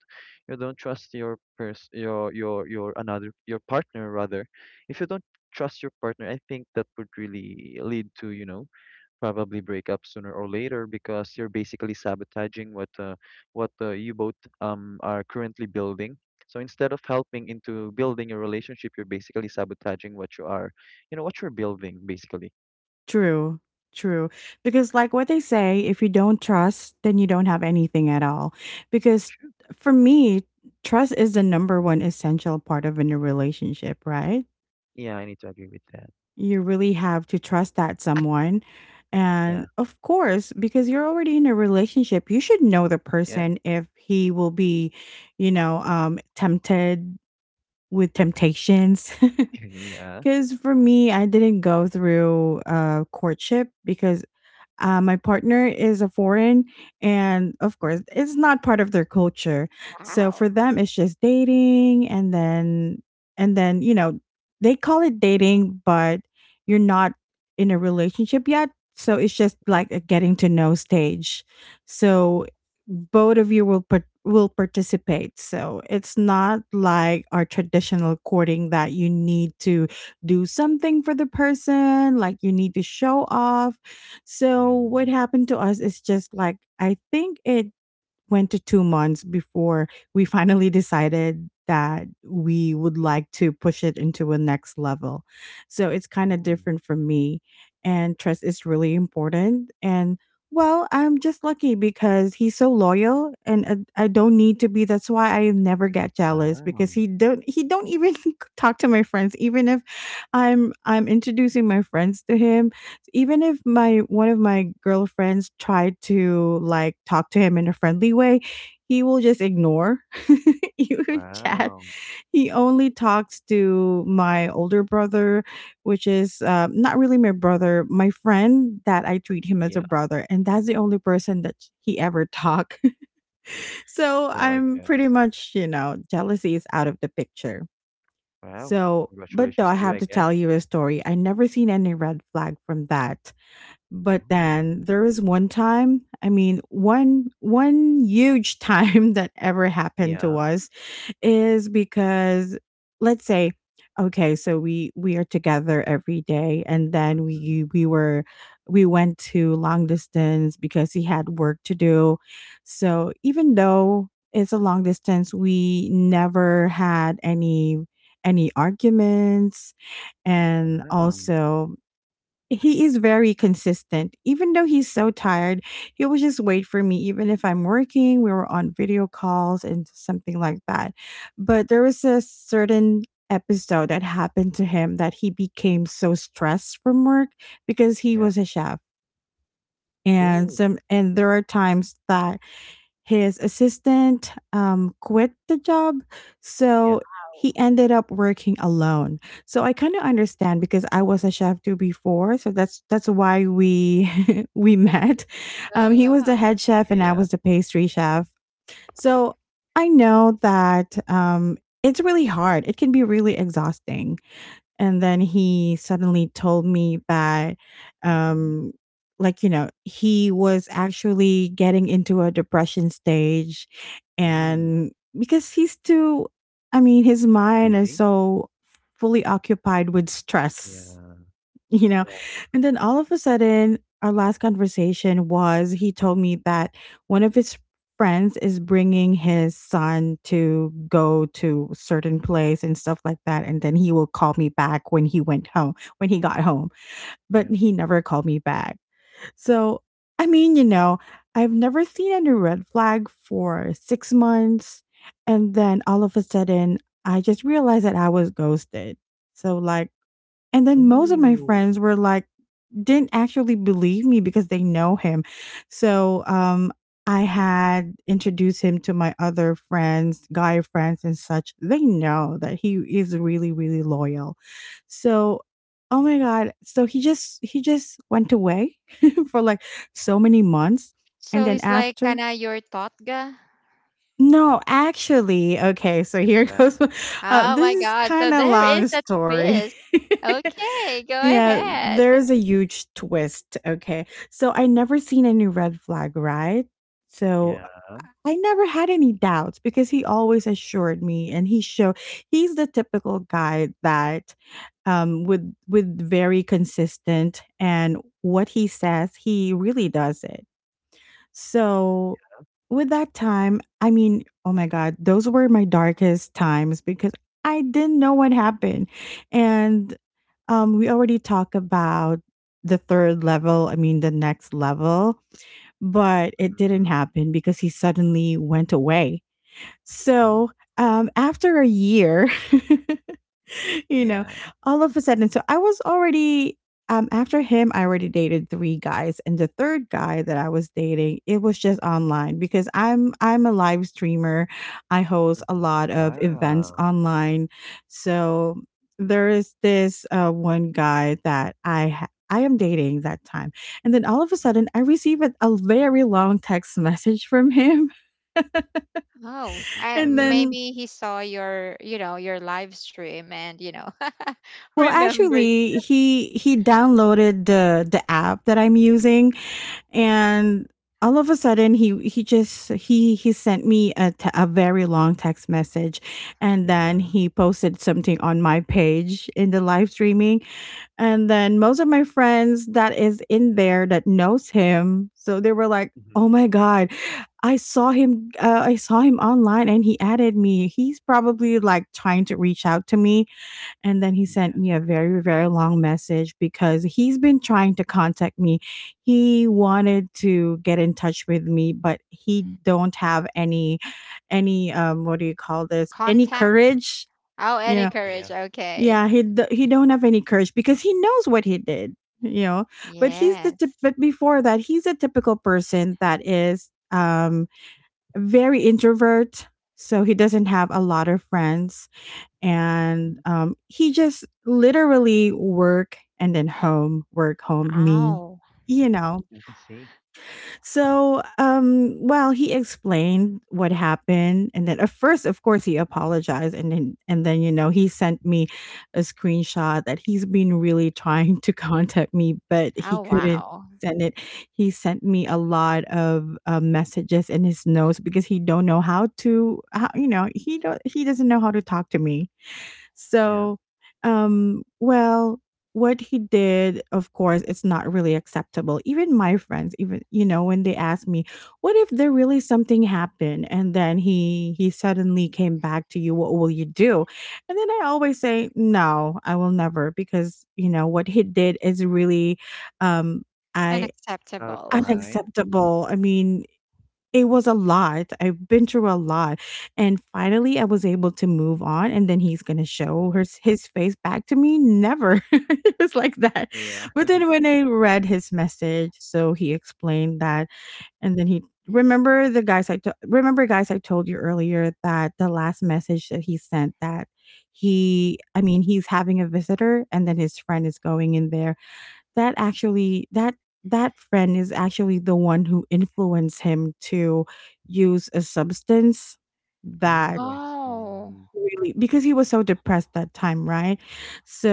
C: you don't trust your pers your your your another your partner rather, if you don't trust your partner, I think that would really lead to, you know, probably break up sooner or later, because you're basically sabotaging what uh, what uh, you both um, are currently building. So instead of helping into building your relationship, you're basically sabotaging what you are, you know, what you're building, basically.
A: True, true. Because, like what they say, if you don't trust, then you don't have anything at all. Because
C: True.
A: for me, trust is the number one
C: hmm
A: essential part of any relationship, right?
C: Yeah, I need to agree with that.
A: You really have to trust that someone.
C: Yeah.
A: And of course, because you're already in a relationship, you should know the
C: Yeah,
A: person if he will be, you know, um, tempted with temptations.
C: yeah,
A: Because for me, I didn't go through uh, courtship because uh, my partner is a foreign, and of course,
C: hmm,
A: it's not part of their culture. So for
B: Wow.
A: them, it's just dating, and then and then you know they call it dating, but you're not in a relationship yet. So it's just
C: yeah,
A: like a getting to know stage.
C: hmm,
A: So both of you will par- will participate. So it's not like our traditional courting that you need to do something for the person, like you need to show off. So
C: yeah.
A: what happened to us is just like I think it went to two months before we finally decided that we would like to push it into a next level. So it's kind of
C: Oh,
A: different for me, and trust is really important. And well, I'm just lucky because he's so loyal, and uh, I don't need to be. That's why I never get jealous because
C: wow.
A: he don't he don't even talk to my friends, even if I'm I'm introducing my friends to him, even if
C: Hmm.
A: my one of my girlfriends tried to like talk to him in a friendly way, he will just ignore you chat.
C: Wow.
A: He only talks to my older brother, which is uh, not really my brother, my friend that I treat him as a
C: Yeah.
A: brother, and that's the only person that he ever talk. So
C: Well, I
A: I'm pretty
C: guess.
A: much, you know, jealousy is out of the picture.
C: Wow,
A: So, but though
C: congratulations
A: I
C: to you,
A: have
C: I
A: to tell
C: guess.
A: you a story, I never seen any red flag from that. But
C: Ooh.
A: then there was one time, I mean, one one huge time that ever happened
C: Yeah.
A: to us is because let's say okay, so we we are together every day and then
C: Mhm.
A: we we were we went to long distance because he had work to do. So even though it's a long distance, we never had any any arguments, and
C: Wow.
A: also he is very consistent. Even though he's so tired, he will just wait for me, even if I'm working, we were on video calls and something like that. But there was a certain episode that happened to him that he became so stressed from work because he
C: Yeah.
A: was a chef. And
C: Oh.
A: some and there are times that his assistant um, quit the job.
C: Yeah.
A: So
B: Wow.
A: he ended up working alone. So I kind of understand because I was a chef too before. So that's that's why we we
B: Wim-
A: met. Um,
B: oh,
A: he was the
B: wow.
A: head chef
C: Yeah,
A: and I
C: yeah.
A: was the pastry chef. So I know that um, it's really hard. It can be really exhausting, and then he suddenly told me that
C: Mhm.
A: um like you know he was actually getting into a depression stage,
C: Ooh,
A: and because he's too i mean his mind is
C: busy.
A: so fully occupied with
C: Yeah.
A: stress you know,
C: Yeah.
A: and then all of a sudden our last conversation was he told me that one of his friends is bringing his son to go to certain place and stuff like that, and then he will call me back when he went home, when he got home, but
C: Yeah.
A: he never called me back. So i mean you know I've never seen any red flag for six months, and then all of a sudden I just realized that I was ghosted. So like, and then most of my
C: Ooh,
A: friends were like didn't actually believe me because they know him. So, um, I had introduced him to my other friends, guy friends, and such. They know that he is really, really loyal. So, oh my god! So he just he just went away for like so many months, and
B: So
A: then
B: he's like
A: after.
B: kinda your thought guy.
A: No, actually, okay. So
C: he came
A: here
C: back.
A: goes. Uh,
B: Oh
A: this
B: my
A: is
B: god, so
A: kind of
B: there is
A: long
B: a
A: story.
B: twist. Okay, go
A: Yeah,
B: ahead.
A: there's a huge twist, okay? So I never seen any red flag, right? So
C: Yeah.
A: I never had any doubts because he always assured me and he showed he's the typical guy that um with with very consistent and what he says, he really does it. So with that time, I mean, oh my god, those were my darkest times because I didn't know what happened. And um, we already talked about the third level, I mean, the next level, but it didn't
C: Mhm.
A: happen because he suddenly went away.
C: Oh.
A: So, um, after a year, you know,
C: Yeah.
A: all of a sudden. So I was already um after him, I already dated three guys, and the third guy that I was dating, it was just online because I'm I'm a live streamer. I host a
C: Mhm.
A: lot of events
C: Wow.
A: online, so there is this uh, one guy that I. Ha- I am dating that time. And then all of a
C: Mhm.
A: sudden, I receive a, a very long text message from him.
B: Oh,
C: Mhm.
B: I
C: And
A: And
C: then?
A: then
B: maybe he saw your, you know, your live stream, and you know.
A: Well,
B: Remember.
A: actually, he he downloaded the the app that I'm using, and all of a sudden, he he just he he sent me a te- a very long text message, and then
C: Yeah.
A: he posted something on my page in the live streaming, and then most of my friends that is in there that knows him, so they were like, "Oh
C: Mm-hmm.
A: my god, I saw him. Uh, I saw him online, and he added me. He's probably like trying to reach out to me." And then he sent
C: Yeah.
A: me a very, very long message because he's been trying to contact me. He wanted to get in touch with me, but he don't have any, any, um, what do you call this? Any
B: Contact?
A: courage,
B: Oh,
A: you
B: any
A: know?
B: courage.
C: Yeah.
B: Okay.
A: Yeah, he d- he don't have any courage because he knows what he did, you know. But he's the tip-
B: Yes.
A: but before that, he's a typical person that is um very introvert, so he doesn't have a lot of friends and
C: Mm-hmm.
A: um, he just literally work and then home, work home, me,
B: Oh.
A: you know.
C: Yeah, I see.
A: So, um, well, he explained what happened, and then at first, of course, he apologized, and then and then you know he sent me a screenshot that he's been really trying to contact me, but he
B: Oh,
A: couldn't
B: wow.
A: send it. He sent me a lot of uh, messages in his notes because he don't know how to how, you know he don't he doesn't know how to talk to me
C: Yeah.
A: so, um, well, what he did, of course, it's not really acceptable. Even my friends, even you know, when they ask me, "What if there really something happened?" and then he he suddenly came back to you, what will you do? And then I always say, "No, I will never," because you know what he did is really, um, I
C: Out of the
B: Unacceptable.
C: line.
A: unacceptable. I mean, it was a lot. I've been through a lot, and finally, I was able to move on, and then he's gonna show
C: Mm-hmm.
A: her his face back to me? Never. It was like that.
C: Yeah.
A: But then when I read his message, so he explained that, and then he remember the guys I t remember guys I told you earlier that the last message that he sent that he I mean, he's having a visitor, and then his friend is going in there that actually that that friend is actually the one who influenced him to use a substance
C: Oh,
A: that
C: I
B: Oh.
C: see.
A: really because he was so depressed that time, right?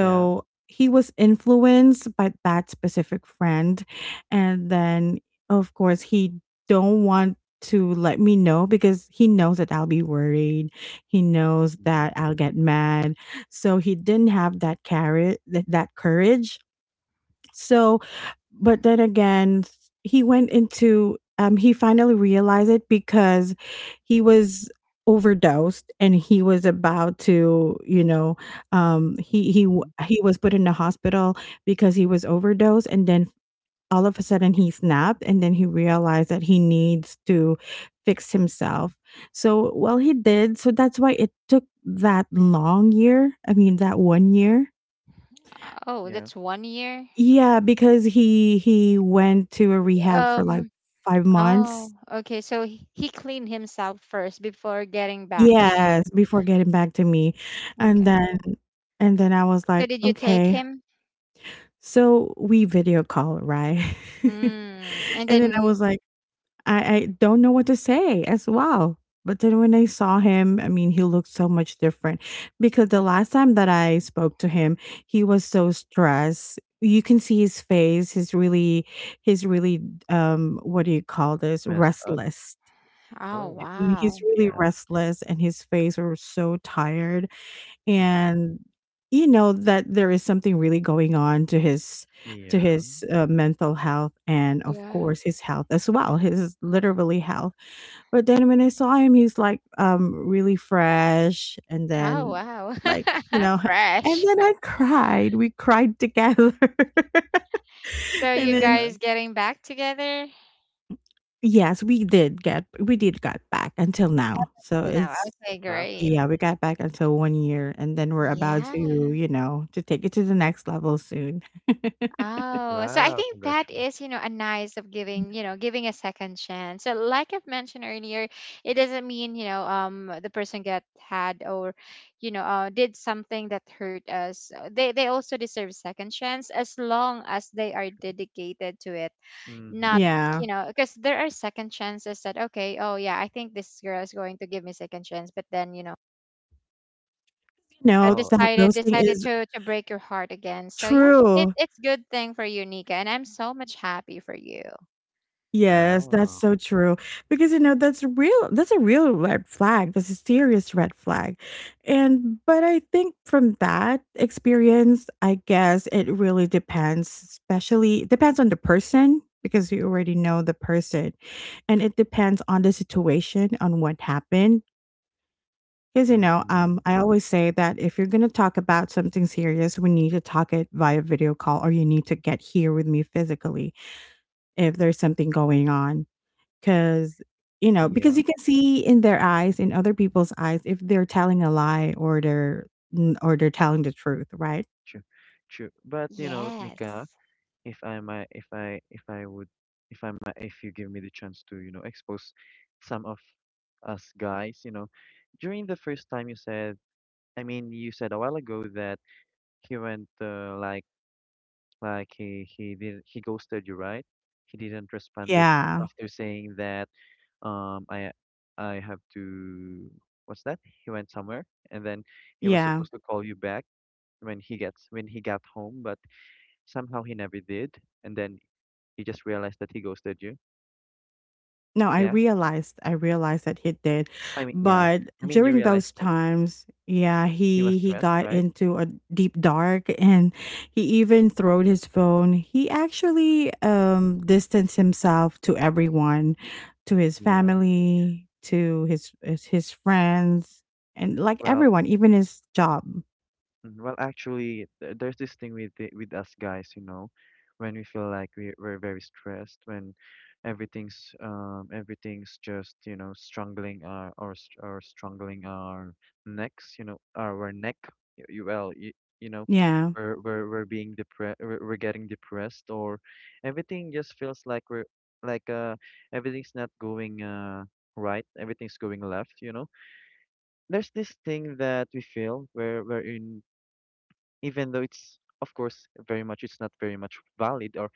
C: Yeah.
A: he was influenced by that specific friend, and then of course he don't want to let me know because he knows that I'll be worried. He knows
C: Mm-hmm.
A: that I'll get mad. So he didn't have that carrot, that, that courage. So but then again, he went into um he finally realized it because he was overdosed and he was about to, you know, um he he w-
C: Mm-hmm.
A: he was put in the hospital because he was overdosed, and then all of a sudden he snapped and then he realized that he needs to fix himself. So, well he did. So that's why it took that long year. I mean that one year,
B: Oh,
C: Yeah.
B: that's one year.
A: yeah, because he he went to a rehab for, like,
B: Um.
A: five
B: Oh.
A: months.
B: Okay. So he he cleaned himself first before getting back to you.
A: Yes, before getting back to me, and
B: Okay.
A: then and then I was
B: So
A: like,
B: did you take
A: "Okay."
B: him?
A: So, we video call, right?
B: Mm. And
A: And then I
B: then.
A: was like I I don't know what to say as well. But then when I saw him, I mean, he looked so much different because the last time that I spoke to him, he was so stressed. You can see his face. He's really, he's really, um, what do you call this?
C: Messed up.
A: Restless.
B: Oh,
C: Oh.
A: I mean, he's
B: wow.
A: really
C: Yeah.
A: restless, and his face was so tired.
C: Mm-hmm.
A: And you know that there is something really going on to his to
C: Yeah.
A: his uh, mental health and of
B: Yeah.
A: course his health as well, his literally health. But then when I saw him, he's like um really fresh, and
B: Oh,
A: then
B: wow.
A: like you know, and
B: Fresh.
A: then I cried. We cried together,
B: So
A: and
B: you
A: then
C: Yeah.
B: guys getting back together?
A: yes, we did get we did got back until now. So
B: Till now.
A: it's
B: Okay.
C: Wow.
B: Great.
A: yeah, we got back until one year, and then we're about
B: Yeah.
A: to you know to take it to the next level soon.
B: Oh, so I
C: Wow,
B: think that
C: congratulations.
B: is, you know, a nice of giving, you know, giving a second chance. So like I've mentioned earlier, it doesn't mean, you know, um the person get had, or, you know, uh, did something that hurt us. Uh, They they also deserve second chance as long as they are dedicated to it. Not,
C: Mm-hmm.
A: Yeah,
B: you know, because there are second chances that, okay, oh yeah, I think this girl is going to give me second chance, but then, you know,
A: you
B: uh,
A: know
C: Well,
A: that
B: decided
A: ghosting
B: decided
A: is
B: to to break your heart again. So yeah, it,
A: true.
B: it's good thing for you, Nika, and I'm so much happy for you.
A: Yes, that's
C: wow.
A: so true. Because, you know, that's real that's a real red flag. That's a serious red flag. And but I think from that experience, I guess it really depends, especially it depends on the person because you already know the person. And it depends on the situation, on what happened. Because you know, um,
C: Mm-hmm.
A: I always say that if you're gonna talk about something serious, we need to talk it via video call, or you need to get here with me physically if there's something going on. 'Cause, you know, because
C: Yeah,
A: you can see in their eyes, in other people's eyes, if they're telling a lie or they're n or they're telling the truth, right?
C: true, true. But you know, Nika,
B: Yes.
C: if I might, if I, if I would, if I might, if you give me the chance to, you know, expose some of us guys, you know, during the first time you said, I mean, you said a while ago that he went uh, like. Like he he did he ghosted you, right? He didn't responded f-
A: Yeah.
C: after saying that um I I have to, what's that? He went somewhere, and then he was
A: Yeah.
C: supposed to call you back when he gets when he got home, but somehow he never did. And then you just realized that he ghosted you.
A: No, I
C: Yeah.
A: realized I realized that he did.
C: I mean, yeah.
A: But
C: I mean, you
A: during
C: realized
A: those
C: that
A: times, yeah,
C: he was
A: he he
C: stressed,
A: got
C: right?
A: into a deep dark, and he even throwed his phone. He actually um distanced himself to everyone, to his
C: Yeah.
A: family, to his his his friends, and like
C: Well,
A: everyone, even his job.
C: Mm, Well, actually, th- there's this thing with the, with us guys, you know, when we feel like we we're very stressed, when everything's um everything's just you know strangling our or or strangling our necks, you know, our, our neck. Y- You well, you, you know,
A: Yeah.
C: we're we're we're being depressed, we're, we're getting depressed, or everything just feels like we're like uh everything's not going uh right, everything's going left, you know there's this thing that we feel where wherein, even though it's, of course, very much, it's not very much valid, or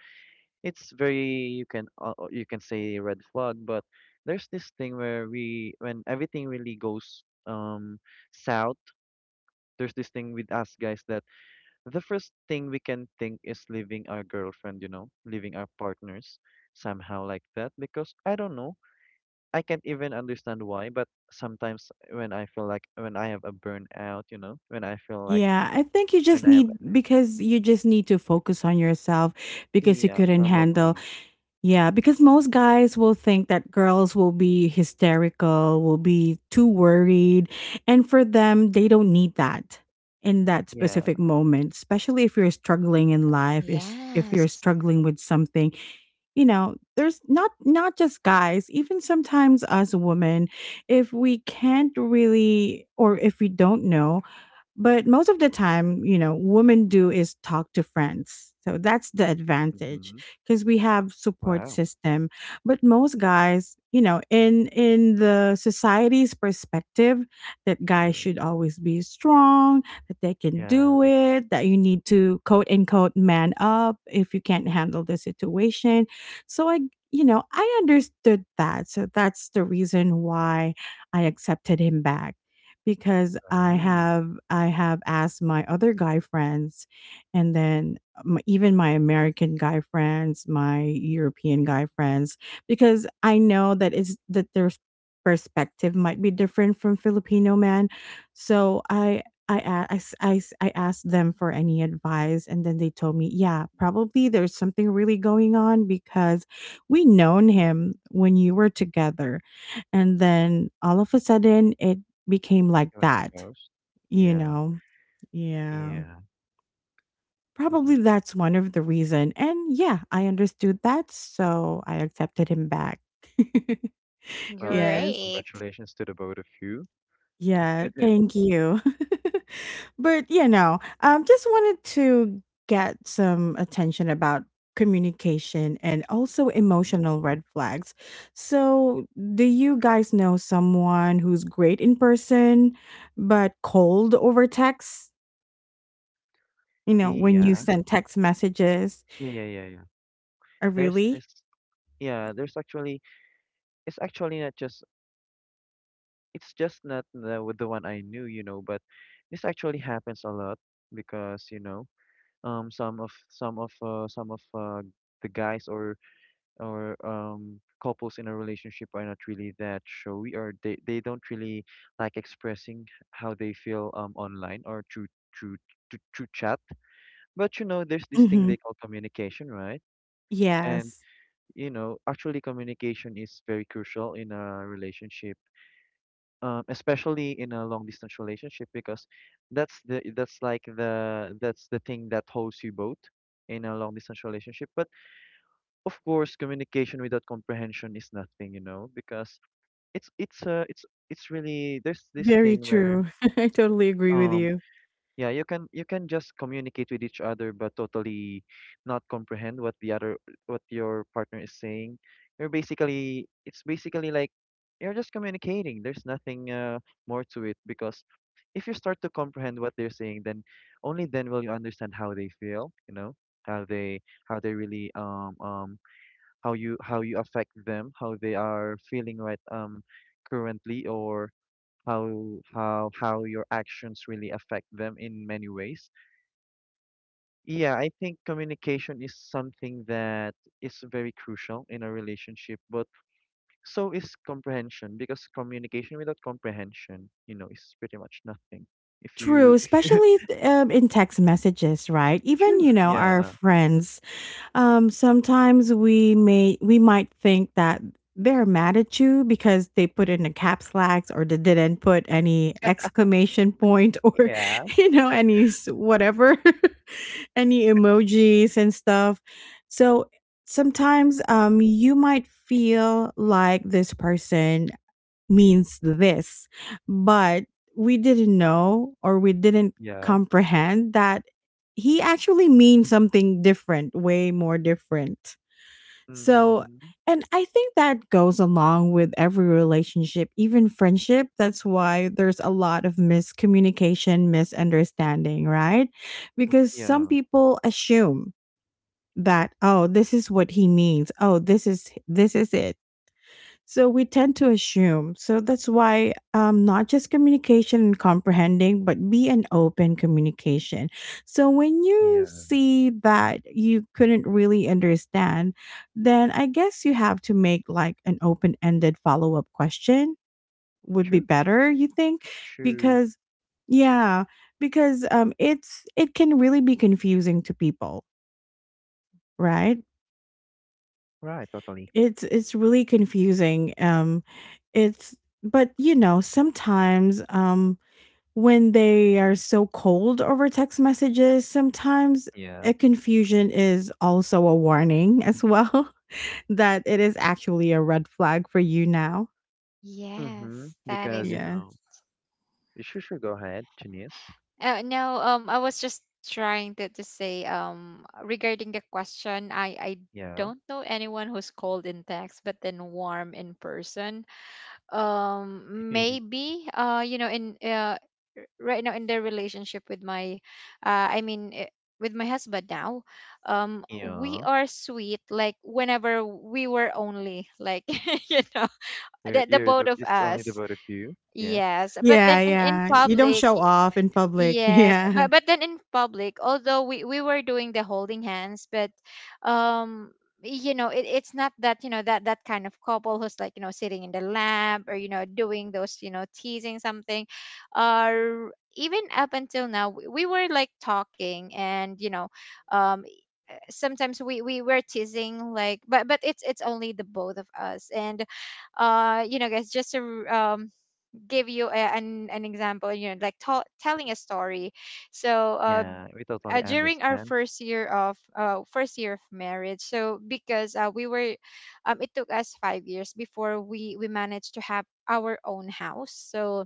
C: it's very you can uh, uh, you can say red flag. But there's this thing where we when everything really goes um south, there's this thing with us guys that the first thing we can think is leaving our girlfriend, you know leaving our partners, somehow like that, because I don't know, I can't even understand why. But sometimes when I feel like, when I have a burnout, you know when I feel like
A: Yeah, I think you
C: when
A: just
C: I have
A: need
C: an,
A: because you just need to focus on yourself because you
C: yeah,
A: couldn't handle.
C: probably.
A: Yeah, because most guys will think that girls will be hysterical, will be too worried. And for them, they don't need that in that
C: Yeah,
A: specific moment, especially if you're struggling in life, if, if you're
B: Yes.
A: struggling with something. You know, there's not not just guys, even sometimes us women, if we can't really or if we don't know, but most of the time, you know, women do is talk to friends. So that's the advantage
C: mhm.
A: because we have support
C: Wow,
A: system. But most guys, you know, in in the society's perspective that guys
C: true.
A: should always be strong, that they can do
C: Yeah.
A: it, that you need to quote unquote man up if you can't handle the situation. So I you know, I understood that. So that's the reason why I accepted him back because I
C: Wow.
A: have I have asked my other guy friends, and then m- even my American guy friends, my European guy friends, because I know that it's that their s- perspective might be different from Filipino man, so I. I, a- I, s- I, s- I asked them for any advice, and then they told me yeah probably there's something really going on because we known him when you were together and then all of a sudden it became like
C: You're the
A: that,
C: ghost.
A: you
C: Yeah,
A: know? Yeah.
C: yeah. Mhm.
A: Probably that's one of the reason. And yeah, I understood that, so I accepted him back.
C: Well, I guess
A: Yes.
B: Great.
C: congratulations to the both of you.
A: Yeah, thank you. But, you know, um, just wanted to get some attention about communication and also
C: Mhm.
A: emotional red flags. So, do you guys know someone who's great in person but cold over text? You know, when you
C: Yeah.
A: send text messages.
C: Yeah, yeah, yeah, yeah.
A: Oh,
C: There's
A: really?
C: this yeah, there's actually, it's actually not just, it's just not the with the one I knew, you know, but this actually happens a lot because, you know, um some of some of uh some of uh the guys, or or um couples in a relationship, are not really that showy, or they, they don't really like expressing how they feel, um online or through through through, through chat. But you know there's this thing
A: Mhm.
C: they call communication, right? And
A: Yes.
C: you know actually, communication is very crucial in a relationship, um, especially in a long distance relationship, because that's the that's like the that's the thing that holds you both in a long distance relationship. But of course, communication without comprehension is nothing, you know because it's it's uh it's it's really, there's this
A: Very
C: thing where,
A: true. I totally agree with
C: um
A: you.
C: yeah you can you can just communicate with each other but totally not comprehend what the other what your partner is saying. You're basically it's basically like you're just communicating, there's nothing uh, more to it, because if you start to comprehend what they're saying, then only then will you understand how they feel, you know how they how they really, um um how you how you affect them, how they are feeling right um currently, or how how how your actions really affect them in many ways. Yeah, I think communication is something that is very crucial in a relationship, but so is comprehension, because communication without comprehension, you know, is pretty much nothing. If
A: True,
C: you if you
A: especially th- um, in text messages, right? Even,
C: true,
A: you know, our
C: yeah,
A: friends. Um, sometimes we may we might think that they're mad at you because they put in a caps locks or they didn't put any exclamation point or
C: yeah,
A: you know any s- whatever any emojis and stuff. So sometimes um you might feel like this person means this. But we didn't know or we didn't
C: yeah,
A: comprehend that he actually means something different, way more different. So,
C: mm-hmm,
A: and I think that goes along with every relationship, even friendship. That's why there's a lot of miscommunication, misunderstanding, right? Because some
C: yeah,
A: people assume that oh this is what he means, oh this is this is it, so we tend to assume. So that's why um, not just communication and comprehending, but be an open communication. So when you
C: yeah,
A: see that you couldn't really understand, then I guess you have to make like an open ended follow up question would be
C: true,
A: better, you think?
C: true,
A: Because, yeah, because um, it's it can really be confusing to people, right?
C: right, totally,
A: It's it's really confusing. Um, it's But you know sometimes um when they are so cold over text messages, sometimes
C: yeah.
A: a confusion is also a warning as well that it is actually a red flag for you now.
C: Mm-hmm.
B: Yes, that
C: Because,
B: is.
C: you
A: Yeah.
C: know, sure, sure, go ahead, Janice.
B: Uh, no, um, I was just trying to to say, um regarding the question, I I
C: Yeah.
B: don't know anyone who's cold in text but then warm in person. Um maybe, uh you know, in uh r- right now in their relationship with my, uh I mean, eh, with my husband now, um we
C: Yeah.
B: are sweet like whenever we were only like you know,
C: You're,
B: the, the
C: you're
B: both
C: the,
B: of
C: it's only the
B: us.
C: both of you. Yeah.
B: Yes, but then
A: Yeah,
B: in, in
A: yeah. You don't
B: public.
A: show off in public.
B: Yes,
A: Yeah.
B: but but then in public, although we we were doing the holding hands, but, um you know, it, it's not that, you know, that that kind of couple who's like, you know, sitting in the lab, or you know, doing those, you know, teasing something. Or even up until now, we, we were like talking, and you know, um sometimes we we were teasing like, but but it's it's only the both of us. And, uh you know guys, just to, um give you a, an an example, you know, like, tell telling a story. so uh
C: Yeah. We
B: uh,
C: totally
B: During our
C: understand.
B: first year of, uh, first year of marriage, so because, uh, we were, um, it took us five years before we we managed to have our own house. So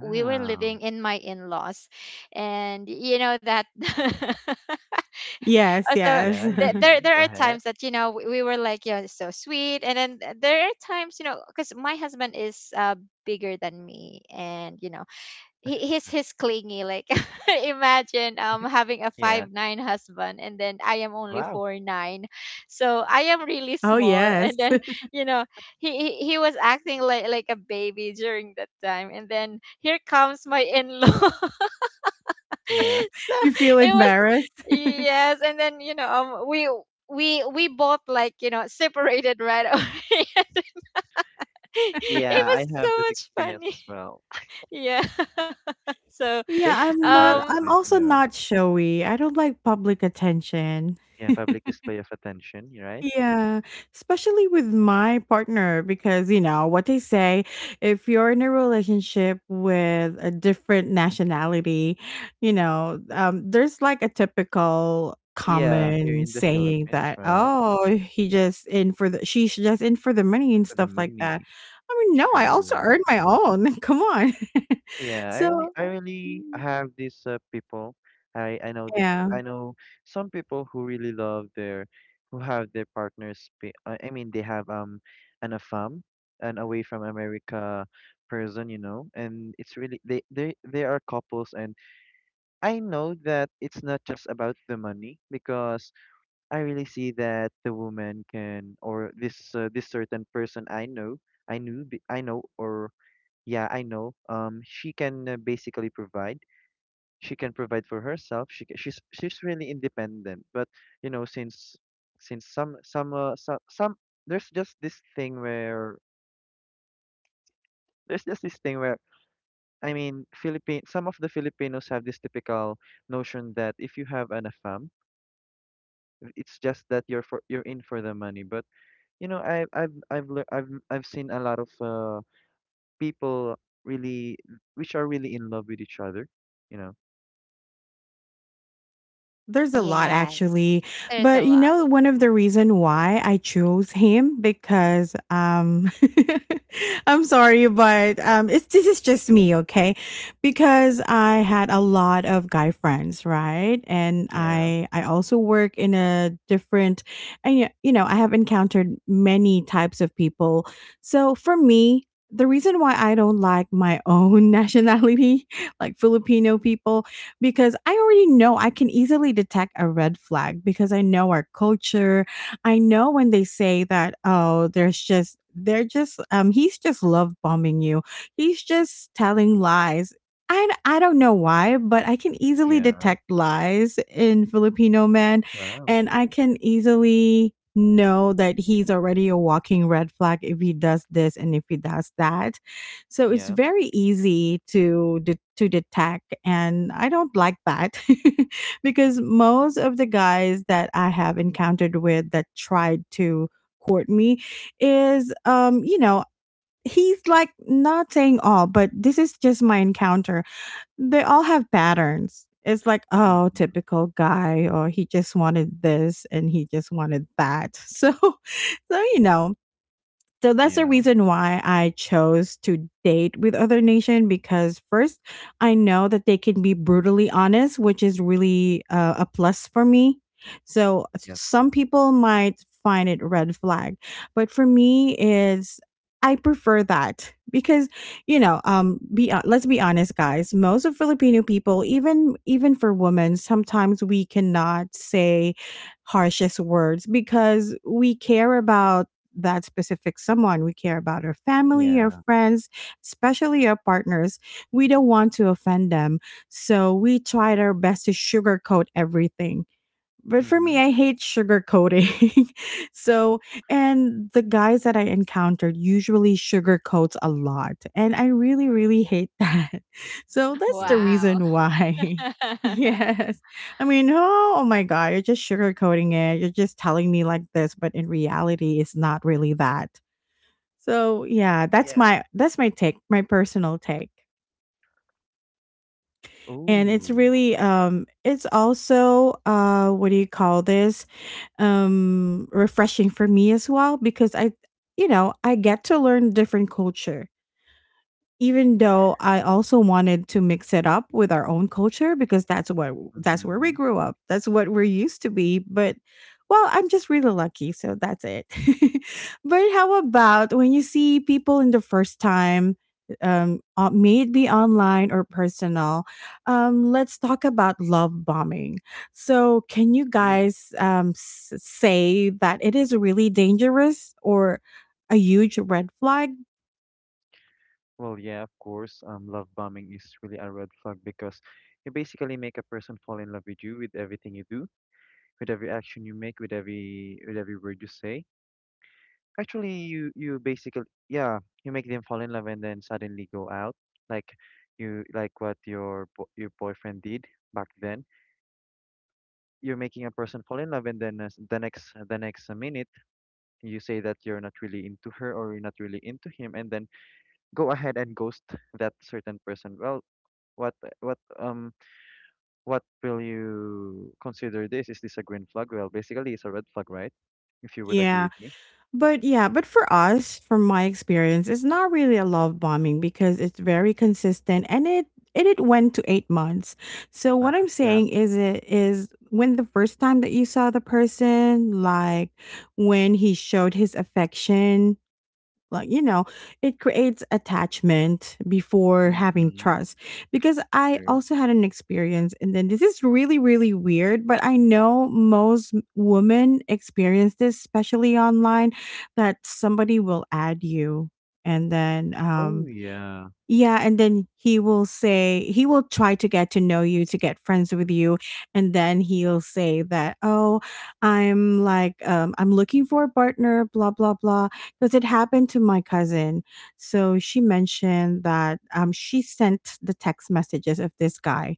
B: we were living in my in-laws, and you know that. Uh,
A: Yes,
B: so
A: yes.
C: Yeah, yeah,
B: th-
C: yeah.
B: there there
C: Go
B: are
C: ahead.
B: times that, you know, we, we were like, you know, so sweet. And then th- there are times, you know, because my husband is, uh bigger than me, and you know, he, he's he's clingy, like imagine, um having a five
C: Yeah.
B: nine husband, and then I am only
C: Wow.
B: four nine. So I am really
A: Oh,
B: small and
A: yes.
B: then, you know, he he, he was acting like like a baby during that time, and then here comes my in-law.
C: Yeah.
B: So
A: You feel
B: it was,
A: embarrassed.
B: yes, and then, you know, um we we we both like, you know, separated right away. It
C: Yeah, I
B: was
C: have that
B: so much
C: experience
B: funny.
C: as well.
B: Yeah. So,
A: Yeah,
C: There's this
A: I'm not
B: um
A: I'm
C: embarrassment, you
A: also
C: know.
A: not showy. I don't like public attention.
C: Yeah, public display of attention, right?
A: Yeah, especially with my partner because, you know, what they say, if you're in a relationship with a different nationality, you know, um, there's like a typical
C: Yeah, here
A: common
C: in the
A: saying
C: Philippines,
A: that,
C: right?
A: oh, he just in for the, she's just in for the money and
C: For the
A: stuff like that.
C: money.
A: I mean, no, I also
C: Sure.
A: earn my own. Come on.
C: Yeah, I really,
A: so,
C: I really have these uh, people. I, I know, the,
A: yeah.
C: I I know some people who really love their, who have their partners. be- I I mean, they have um, an A F A M, an away from America person, you know, and it's really they, they, they are couples, and I know that it's not just about the money, because I really see that the woman can, or this, uh, this certain person I know, I knew, be- I know, or yeah, I know. Um, she can uh, basically provide. She can provide for herself. She ca- she's she's really independent. But you know, since since some some uh, some, some there's just this thing where there's just this thing where I mean, Philippine some of the Filipinos have this typical notion that if you have an A F A M, it's just that you're for you're in for the money. But you know, I I've I've lear- I've I've seen a lot of uh, people, really which are really in love with each other. You know.
A: There's a lot
B: yes,
A: actually,
B: there's a
A: but you
B: lot.
A: know one of the reason why I chose him because um I'm sorry but um it's this is just me, okay? Because I had a lot of guy friends, right? And
C: Yeah.
A: I I also work in a different, and y- you know, I have encountered many types of people. So for me, the reason why I don't like my own nationality, like Filipino people, because I already know I can easily detect a red flag because I know our culture. I know when they say that, oh, there's just, they're just, um, he's just love bombing you. He's just telling lies. I, I don't know why, but I can easily
C: Yeah.
A: detect lies in Filipino men,
C: Wow.
A: and I can easily know that he's already a walking red flag if he does this
C: Mhm.
A: and if he does that. So it's
C: Yeah.
A: very easy to de- to detect, and I don't like that because most of the guys that I have encountered with that tried to court me is, um, you know, he's like not saying all, but this is just my encounter. They all have patterns. It's like, oh,
C: Mhm.
A: typical guy, or he just wanted this and he just wanted that. So, so you know, so that's the
C: Yeah.
A: reason why I chose to date with other nation. Because first, I know that they can be brutally honest, which is really uh, a plus for me. So
C: Yeah.
A: some people might find it red flag, but for me is I prefer that. Because you know um be hon- let's be honest guys, most of Filipino people, even even for women, sometimes we cannot say harshest words because we care about that specific someone. We care about our family, our
C: Yeah.
A: friends, especially our partners. We don't want to offend them. So we tried our best to sugarcoat everything. But for me,
C: Mhm.
A: I hate sugarcoating. So, and the guys that I encountered usually sugarcoats a lot. And I really, really hate that. So that's the
C: Yeah.
B: Wow.
A: reason why. Yes. I mean, oh, oh my God, you're just sugarcoating it. You're just telling me like this, but in reality, it's not really that. So yeah, that's
C: Yeah.
A: my that's my take, my personal take. And it's
C: Ooh.
A: really um it's also uh what do you call this um refreshing for me as well. Because I, you know, I get to learn different culture, even though I also wanted to mix it up with our own culture. Because that's what that's where we
C: Mhm.
A: grew up. That's what we're used to be. But well, I'm just really lucky, so that's it. But how about when you see people in the first time, um uh, may it be online or personal? Um let's talk about love bombing. So can you
C: Ooh.
A: guys um s- say that it is really dangerous or a huge red flag?
C: Well, yeah, of course. Um, love bombing is really a red flag, because you basically make a person fall in love with you, with everything you do, with every action you make, with every with every word you say. Actually, you you basically yeah, you make them fall in love, and then suddenly go out, like you like what your bo your boyfriend did back then. You're making a person fall in love, and then uh, s- the next uh, the next minute you say that you're not really into her, or you're not really into him, and then go ahead and ghost that certain person. Well, what uh, what um what will you consider, this is this a green flag? Well, basically it's a red flag, right, if you would agree with me?
A: But yeah, but for us, from my experience, it's not really a love bombing because it's very consistent, and it and it went to eight months. So
C: uh,
A: what I'm
C: yeah.
A: saying is it is when the first time that you saw the person, like when he showed his affection, like, you know, it creates attachment before having
C: Mm-hmm.
A: trust. Because I
C: True.
A: also had an experience, and then this is really really weird, but I know most m- women experience this, especially online, that somebody will add you, and then
C: Oh,
A: um
C: yeah.
A: yeah, and then he will say, he will try to get to know you, to get friends with you, and then he'll say that, "Oh, I'm like, um I'm looking for a partner, blah blah blah," because it happened to my cousin. So she mentioned that um she sent the text messages of this guy,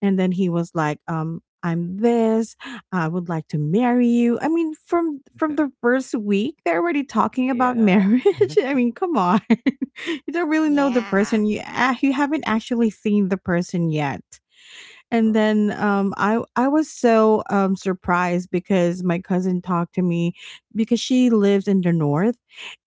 A: and then he was like, um, I'm this, I would like to marry you. I mean, from from the first week, they're already talking about
C: Yeah.
A: marriage. I mean, come on. You don't really know the
B: Yeah.
A: person. You, ah, you haven't actually seen the person yet. And
C: Well,
A: then um i i was so um surprised because my cousin talked to me, because she lives in the north,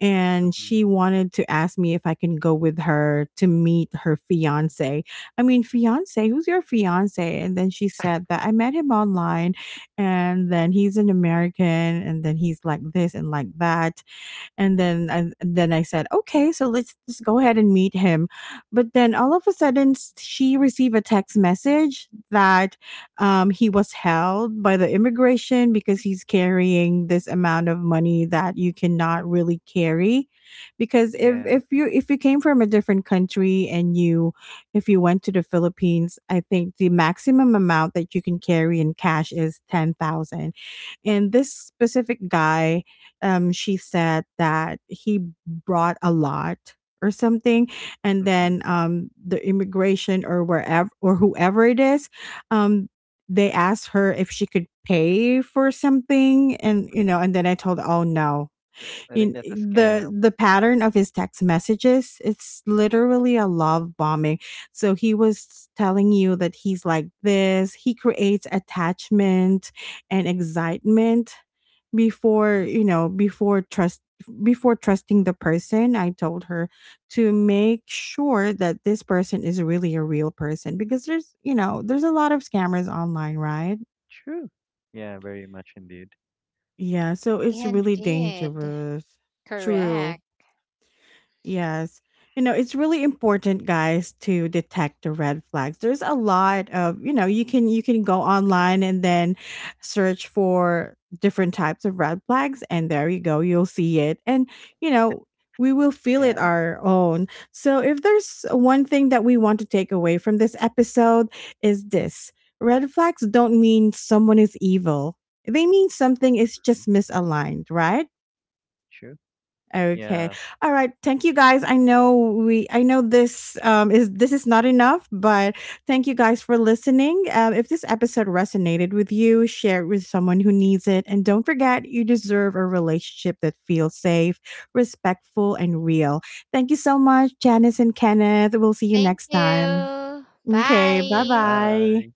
A: and she
C: mm-hmm.
A: wanted to ask me if I can go with her to meet her fiance. I mean, fiance, who's your fiance? And then she said that I met him online, and then he's an American, and then he's like this and like that. And then I then I said, okay, so let's just go ahead and meet him. But then all of a sudden, s- she received a text message that um, he was held by the immigration because he's carrying this amount of money that you cannot really carry. Because if
C: Yeah.
A: if you if you came from a different country and you, if you went to the Philippines, I think the maximum amount that you can carry in cash is ten thousand, and this specific guy, um, she said that he brought a lot or something. And
C: Mm-hmm.
A: then um, the immigration or wherever or whoever it is, um, they asked her if she could pay for something. And you know, and then I told, oh no,
C: I think
A: in
C: that's a
A: the
C: scam.
A: the pattern of his text messages, it's literally a love bombing. So he was telling you that he's like this, he creates attachment and excitement before,
C: Mm-hmm.
A: you know, before trust, before trusting the person. I told her to make sure that this person is really a real person, because there's, you know, there's a lot of scammers online, right?
C: True. Yeah, very much indeed.
A: Yeah, so it's really
B: Indeed.
A: dangerous.
B: Correct.
A: True. Yes. You know, it's really important guys to detect the red flags. There's a lot of, you know, you can you can go online and then search for different types of red flags, and there you go, you'll see it. And you know, we will feel it
C: Yeah.
A: our own. So if there's one thing that we want to take away from this episode, is this. Red flags don't mean someone is evil. They mean something is
C: Mhm.
A: just misaligned, right?
C: Sure.
A: Okay.
C: Yeah.
A: All right. Thank you guys. I know we I know this um is this is not enough, but thank you guys for listening. Um if this episode resonated with you, share it with someone who needs it, and don't forget, you deserve a relationship that feels safe, respectful and real. Thank you so much Janice and Kenneth. We'll see you
B: Thank
A: next time.
B: you.
A: Okay.
C: Here,
B: Bye.
A: Bye-bye.
C: bye.